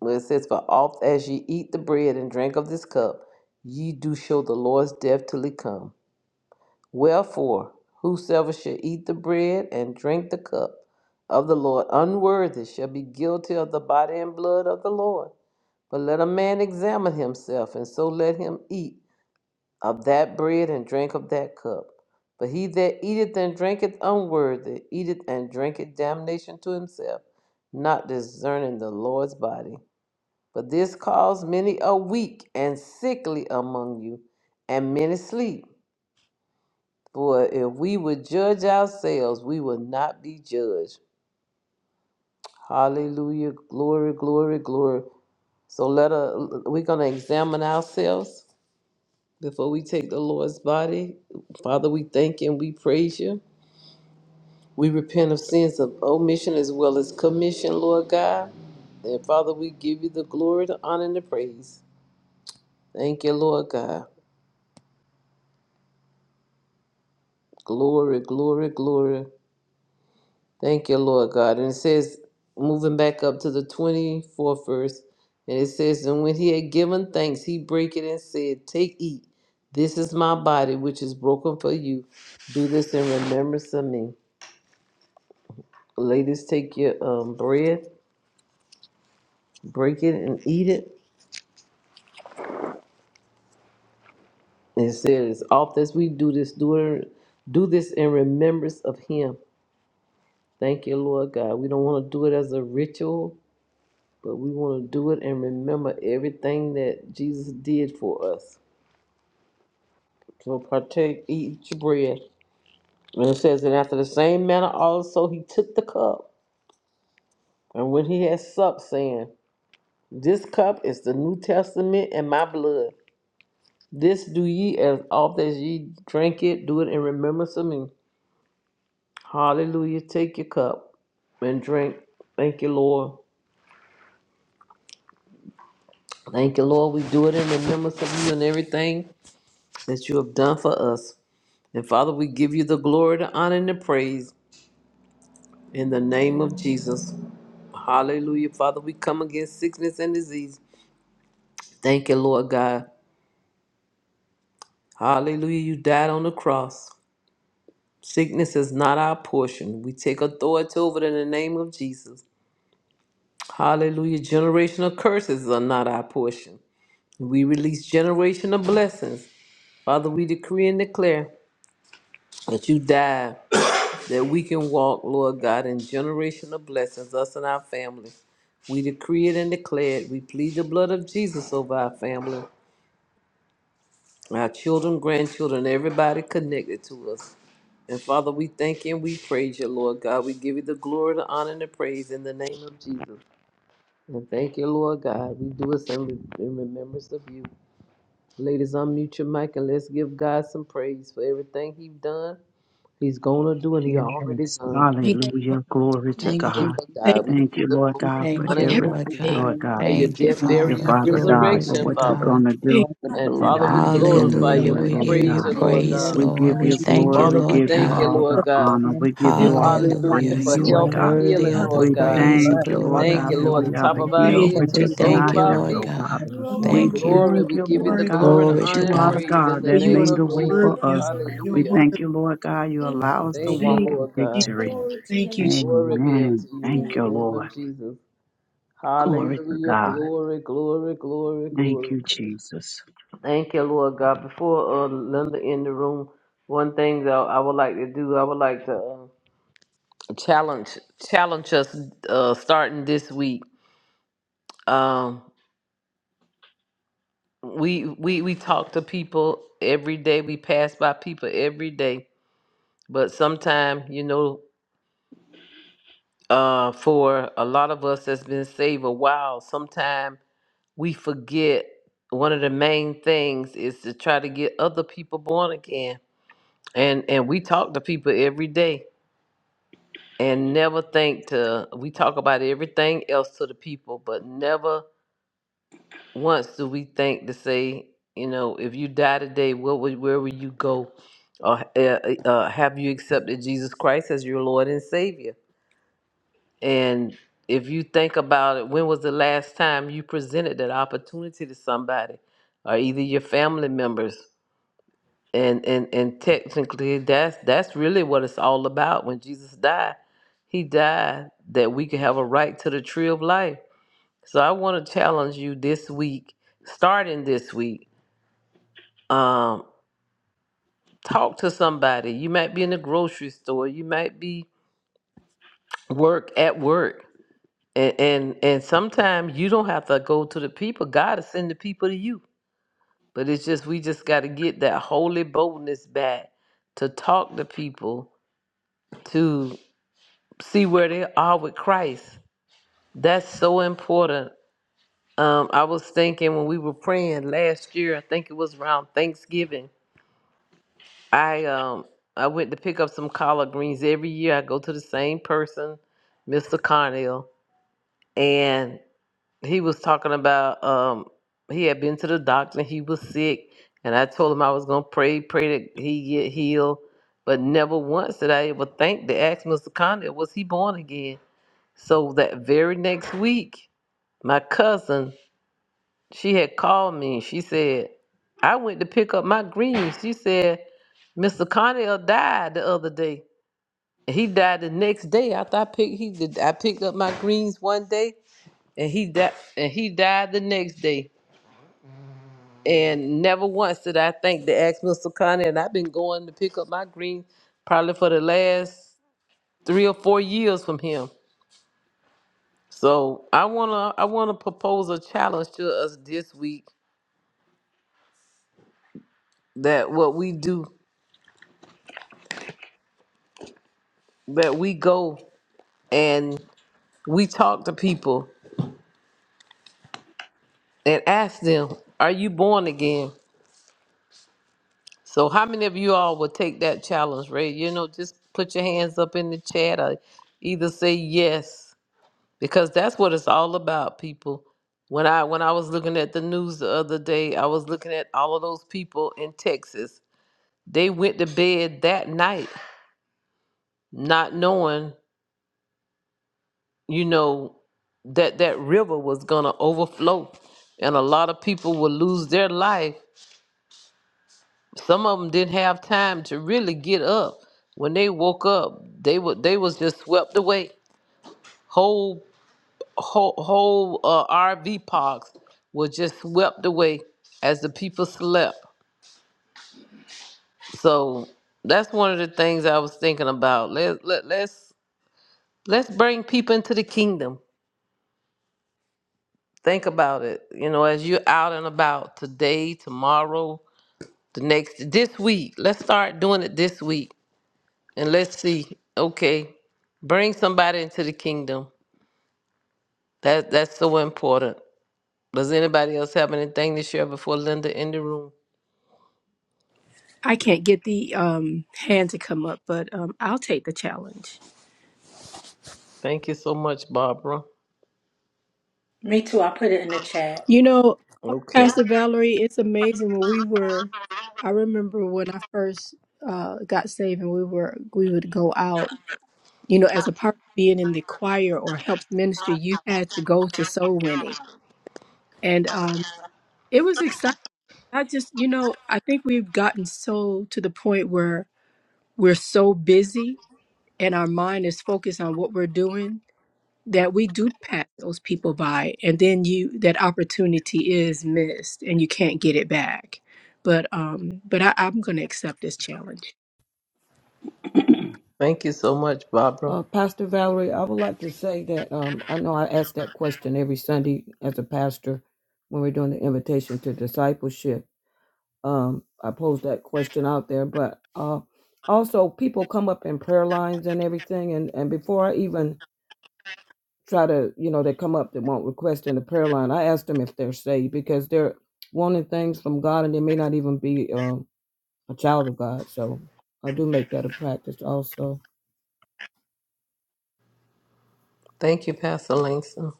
well, it says, For oft as ye eat the bread and drink of this cup, ye do show the Lord's death till he come. Wherefore, whosoever shall eat the bread and drink the cup of the Lord unworthy shall be guilty of the body and blood of the Lord. But let a man examine himself, and so let him eat of that bread and drink of that cup. But he that eateth and drinketh unworthy eateth and drinketh damnation to himself, not discerning the Lord's body. But this cause many are weak and sickly among you, and many sleep. For if we would judge ourselves, we would not be judged. Hallelujah. Glory, glory, glory. So let us we're gonna examine ourselves before we take the Lord's body. Father, we thank you and we praise you. We repent of sins of omission as well as commission, Lord God. And Father, we give you the glory, the honor, and the praise. Thank you, Lord God. Glory, glory, glory. Thank you, Lord God. And it says, moving back up to the 24th verse, and it says, And when he had given thanks, he brake it and said, Take, eat. This is my body, which is broken for you. Do this in remembrance of me. Ladies, take your um, bread, break it, and eat it. It says, as oft as we do this, do it, do this in remembrance of Him. Thank you, Lord God. We don't want to do it as a ritual, but we want to do it and remember everything that Jesus did for us. So partake, eat your bread. And it says, and after the same manner also he took the cup, and when he had supped, saying, This cup is the New Testament in my blood. This do ye as oft as ye drink it, do it in remembrance of me. Hallelujah. Take your cup and drink. Thank you, Lord. Thank you, Lord. We do it in remembrance of you and everything that you have done for us. And Father, we give you the glory, the honor, and the praise in the name of Jesus. Hallelujah. Father, we come against sickness and disease. Thank you, Lord God. Hallelujah. You died on the cross. Sickness is not our portion. We take authority over it in the name of Jesus. Hallelujah. Generational curses are not our portion. We release generational blessings. Father, we decree and declare that you died, that we can walk, Lord God, in generational blessings, us and our family. We decree it and declare it. We plead the blood of Jesus over our family, our children, grandchildren, everybody connected to us. And Father, we thank you and we praise you, Lord God. We give you the glory, the honor, and the praise in the name of Jesus. And thank you, Lord God. We do this in in remembrance of you. Ladies, unmute your mic and let's give God some praise for everything He's done, He's gonna do, and He Yes. already done. Thank you, Lord. Hallelujah. Glory Thank to Thank Thank you, you, God. Lord Thank Father. God. We you give Thank you you, the Lord glory, We God, the thank for for Thank you honor, you, and for the what everything, Lord you're praise everything. God. Lord doing God. for your For Thank Thank you, and what death, Thank you, you're you, burial, going Father. to and do. Father God. God, Glory for Thank resurrection, to what you for you're Father. God. going to do everything. heart and And and Father, blood. we how you're going to We glorify you Hallelujah. thank do and it, you we We that Thank Lord give we praise you God. you, Lord praise, remember God. We Lord. give that We you you you, thank you, died glory. Lord. Celebration Father, on we We Lord give and Thank the you thank you. you, God. cross praise. all you the for Lord for us God. honor. sin, We give Thank thank you that you. all we the We have Thank Hallelujah Hallelujah. give you praise, you for for you, You are Lord remission of health glory. gifting and God. sin, We your worthy healing, give God. you God of the honor. Lord and and We We living that give your you God. praise, the thank praise. blood you, Lord glory, covers Thank and God, Thank you, the you that all Lord, for a the honor. we your are top the of man sin. our sacrifice healed, Praise, on head Thank the to the We you, in protecting Father, blood soles thank of our you, our health, life. Lord cross oh feet. God. God. for for the your You are shed blood worthy. We Lord. Thank blood. in We you. You give Glory, thank we are Jesus' you, give worthy. you Lord the glory name. You are God, glory, worthy. the Glory that to honor, you and God, are God. the praise in God the for that you name made a of way God, glory. I for Jesus. worthy bless of In us. your the name. name your We of Hallelujah. thank word. you, Jesus. Lord God, you Thank Thank you, allow you, us to Thank God, you, Jesus. walk Thank in Lord for you. God. the victory. blood. Glory to your Thank you, Jesus. Glory be unto Amen. you Thank in name. you, the name Lord. of Jesus. Glory to Hallelujah. God. Glory, glory, glory, Thank glory. you, Jesus. Thank you, Lord God. Before uh, Linda in the room, one thing that I would like to do, I would like to uh, challenge challenge us uh, starting this week. Um, we we we talk to people every day. We pass by people every day, but sometimes you know, uh, for a lot of us that's been saved a while, sometimes we forget one of the main things is to try to get other people born again and and we talk to people every day and never think to we talk about everything else to the people but never once do we think to say you know if you die today what would, where will you go or uh, uh, have you accepted jesus christ as your lord and savior And if you think about it, when was the last time you presented that opportunity to somebody or either your family members? And and and technically that's that's really what it's all about. When Jesus died, he died that we could have a right to the tree of life. So I want to challenge you this week, starting this week, um, talk to somebody. You might be in the grocery store, you might be work at work And and, and sometimes you don't have to go to the people. God is sending the people to you. But it's just we just got to get that holy boldness back to talk to people to see where they are with Christ. That's so important. Um, I was thinking when we were praying last year. I think it was around Thanksgiving. I um I went to pick up some collard greens every year. I go to the same person, Mr. Carnell, and. he was talking about um he had been to the doctor and he was sick and I told him I was gonna pray, pray that he get healed. But never once did I ever think to ask Mr. Condit, was he born again? So that very next week, my cousin, she had called me and she said, I went to pick up my greens. She said, Mr. Condell died the other day. He died the next day after I picked he did I picked up my greens one day and he died and he died the next day. And never once did I think to ask Mr. Connie, and I've been going to pick up my green probably for the last three or four years from him. So I wanna I wanna propose a challenge to us this week that what we do, that we go and we talk to people and ask them, Are you born again? So how many of you all would take that challenge, Ray? You know, just put your hands up in the chat or either say yes because that's what it's all about people when i when i was looking at the news the other day i was looking at all of those people in texas they went to bed that night not knowing you know that that river was going to overflow and a lot of people would lose their life some of them didn't have time to really get up when they woke up they were they was just swept away whole whole, whole uh, RV parks were just swept away as the people slept. So that's one of the things I was thinking about. Let, let let's let's bring people into the kingdom. Think about it. You know, as you're out and about today, tomorrow, the next this week. Let's start doing it this week. And let's see. Okay. Bring somebody into the kingdom. That that's so important. Does anybody else have anything to share before Linda in the room? I can't get the um, hand to come up, but um, I'll take the challenge. Thank you so much, Barbara. Me too. I put it in the chat. You know, Okay. Pastor Valerie, it's amazing when we were I remember when I first uh got saved and we were we would go out, you know, as a part of being in the choir or helps ministry, you had to go to soul winning. And um it was exciting. I just, you know, I think we've gotten so to the point where we're so busy and our mind is focused on what we're doing that we do pass those people by and then you that opportunity is missed and you can't get it back but um but I, i'm gonna accept this challenge Thank you so much, Barbara. Uh, pastor Valerie, I would like to say that um, I know I ask that question every Sunday as a pastor when we're doing the invitation to discipleship. Um, I pose that question out there, but uh, also people come up in prayer lines and everything. And, and before I even try to, you know, they come up that want request in the prayer line. I ask them if they're saved because they're wanting things from God and they may not even be um, a child of God. So I do make that a practice also. Thank you, Pastor Langston.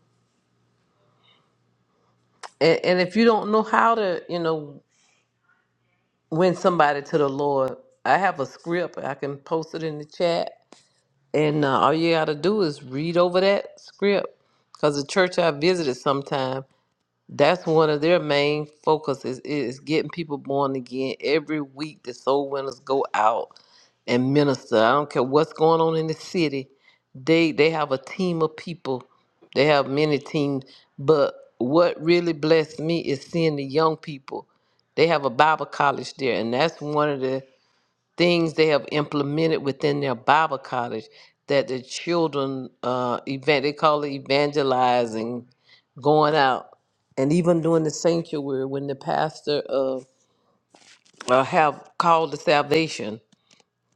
And, and if you don't know how to, you know, win somebody to the Lord, I have a script. I can post it in the chat. And uh, all you got to do is read over that script. Because the church I visited sometime, that's one of their main focuses is getting people born again. Every week, the soul winners go out and minister. I don't care what's going on in the city. They they have a team of people. They have many teams, but what really blessed me is seeing the young people. They have a Bible college there, and that's one of the things they have implemented within their Bible college that the children uh event they call it evangelizing, going out and even during the sanctuary when the pastor uh, uh have called the salvation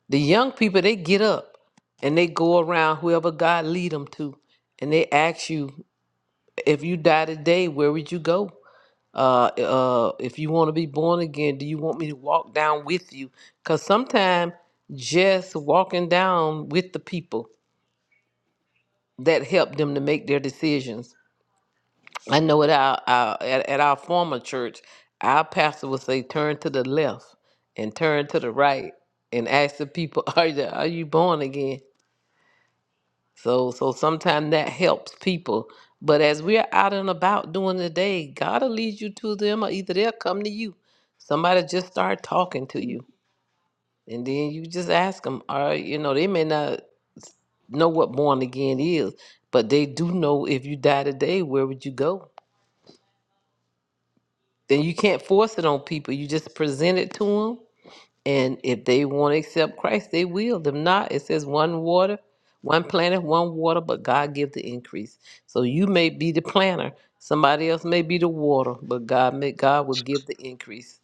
the young people they get up and they go around whoever God lead them to, and they ask you if you die today, where would you go? Uh, uh, if you want to be born again, do you want me to walk down with you? Cause sometimes just walking down with the people that help them to make their decisions. I know at our, our at, at our former church, our pastor would say, "Turn to the left and turn to the right," and ask the people, [LAUGHS] "Are you, are you born again?" So so sometimes that helps people. But as we're out and about doing the day, God will lead you to them or either they'll come to you. Somebody just start talking to you. And then you just ask them, or you know, they may not know what born again is, but they do know if you die today, where would you go? Then you can't force it on people. You just present it to them And if they want to accept Christ, they will. If not, it says one water, one planet, one water, but God give the increase. So you may be the planter, somebody else may be the water, but God may God will give the increase.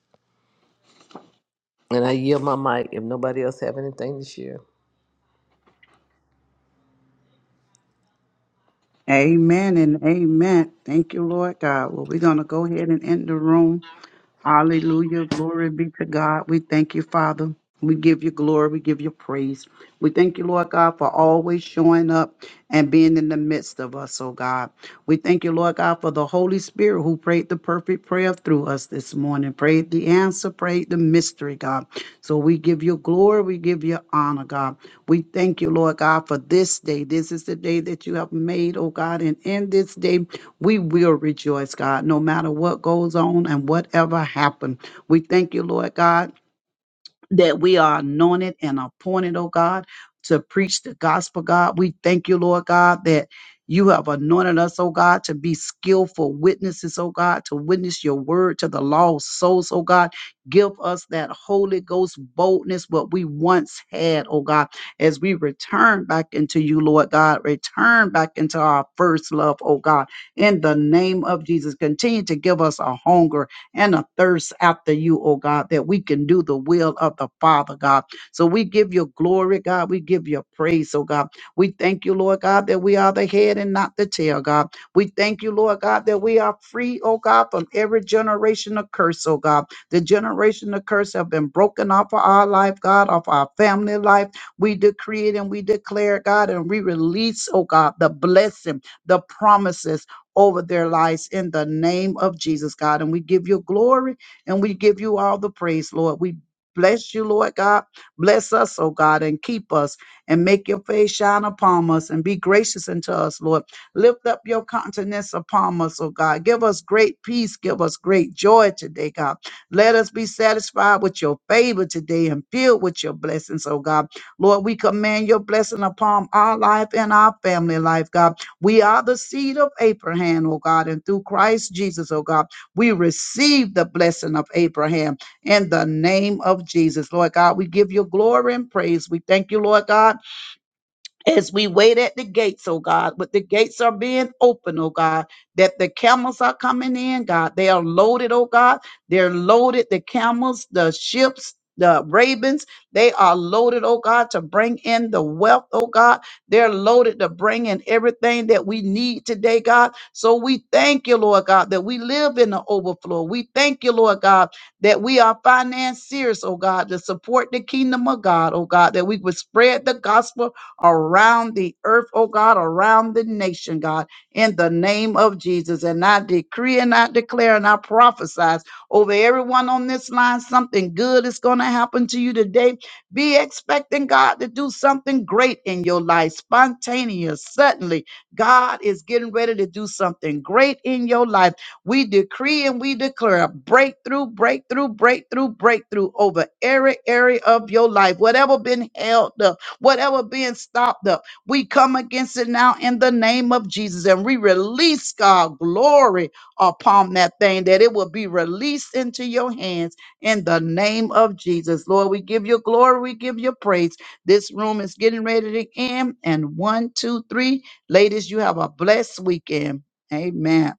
And I yield my mic if nobody else have anything to share. Amen and amen. Thank you, Lord God. Well, we're going to go ahead and end the room. Hallelujah. Glory be to God. We thank you, Father. We give you glory. We give you praise. We thank you, Lord God, for always showing up and being in the midst of us, oh God. We thank you, Lord God, for the Holy Spirit who prayed the perfect prayer through us this morning, prayed the answer, prayed the mystery, God. So we give you glory. We give you honor, God. We thank you, Lord God, for this day. This is the day that you have made, oh God. And in this day, we will rejoice, God, no matter what goes on and whatever happened. We thank you, Lord God that we are anointed and appointed, oh God, to preach the gospel, God. We thank you, Lord God, that you have anointed us, oh God, to be skillful witnesses, oh God, to witness your word to the lost souls, oh God. Give us that Holy Ghost boldness, what we once had, oh God, as we return back into you, Lord God, return back into our first love, oh God, in the name of Jesus. Continue to give us a hunger and a thirst after you, oh God, that we can do the will of the Father, God. So we give you glory, God. We give you praise, oh God. We thank you, Lord God, that we are the head and not the tail, God. We thank you, Lord God, that we are free, oh God, from every generation of curse, oh God. The generation of curse have been broken off of our life, God, off our family life. We decree it and we declare, God, and we release, oh God, the blessing, the promises, over their lives in the name of Jesus, God. And we give you glory and we give you all the praise, Lord. We bless you, Lord God. Bless us, oh God, and keep us and make your face shine upon us and be gracious unto us, Lord. Lift up your countenance upon us, oh God. Give us great peace. Give us great joy today, God. Let us be satisfied with your favor today and filled with your blessings, oh God. Lord, we command your blessing upon our life and our family life, God. We are the seed of Abraham, O God, and through Christ Jesus, O God, we receive the blessing of Abraham in the name of Jesus. Lord God, we give you glory and praise. We thank you, Lord God as we wait at the gates, oh God, but the gates are being open, oh God, that the camels are coming in, God. They are loaded, oh God. They're loaded, the camels, the ships, the ravens, they are loaded, oh God, to bring in the wealth, oh God. They're loaded to bring in everything that we need today, God. So we thank you, Lord God, that we live in the overflow. We thank you, Lord God, that we are financiers, oh God, to support the kingdom of God, oh God, that we would spread the gospel around the earth, oh God, around the nation, God, in the name of Jesus. And I decree and I declare and I prophesy over everyone on this line something good is going to happen to you today. Be expecting God to do something great in your life, spontaneous, suddenly. God is getting ready to do something great in your life. We decree and we declare a breakthrough, breakthrough, breakthrough, breakthrough over every area of your life. Whatever been held up, Whatever being stopped up, we come against it now in the name of Jesus and we release God glory upon that thing that it will be released into your hands in the name of Jesus. Lord, we give you glory, we give you praise. This room is getting ready to end. And one, two, three, ladies, you have a blessed weekend. Amen.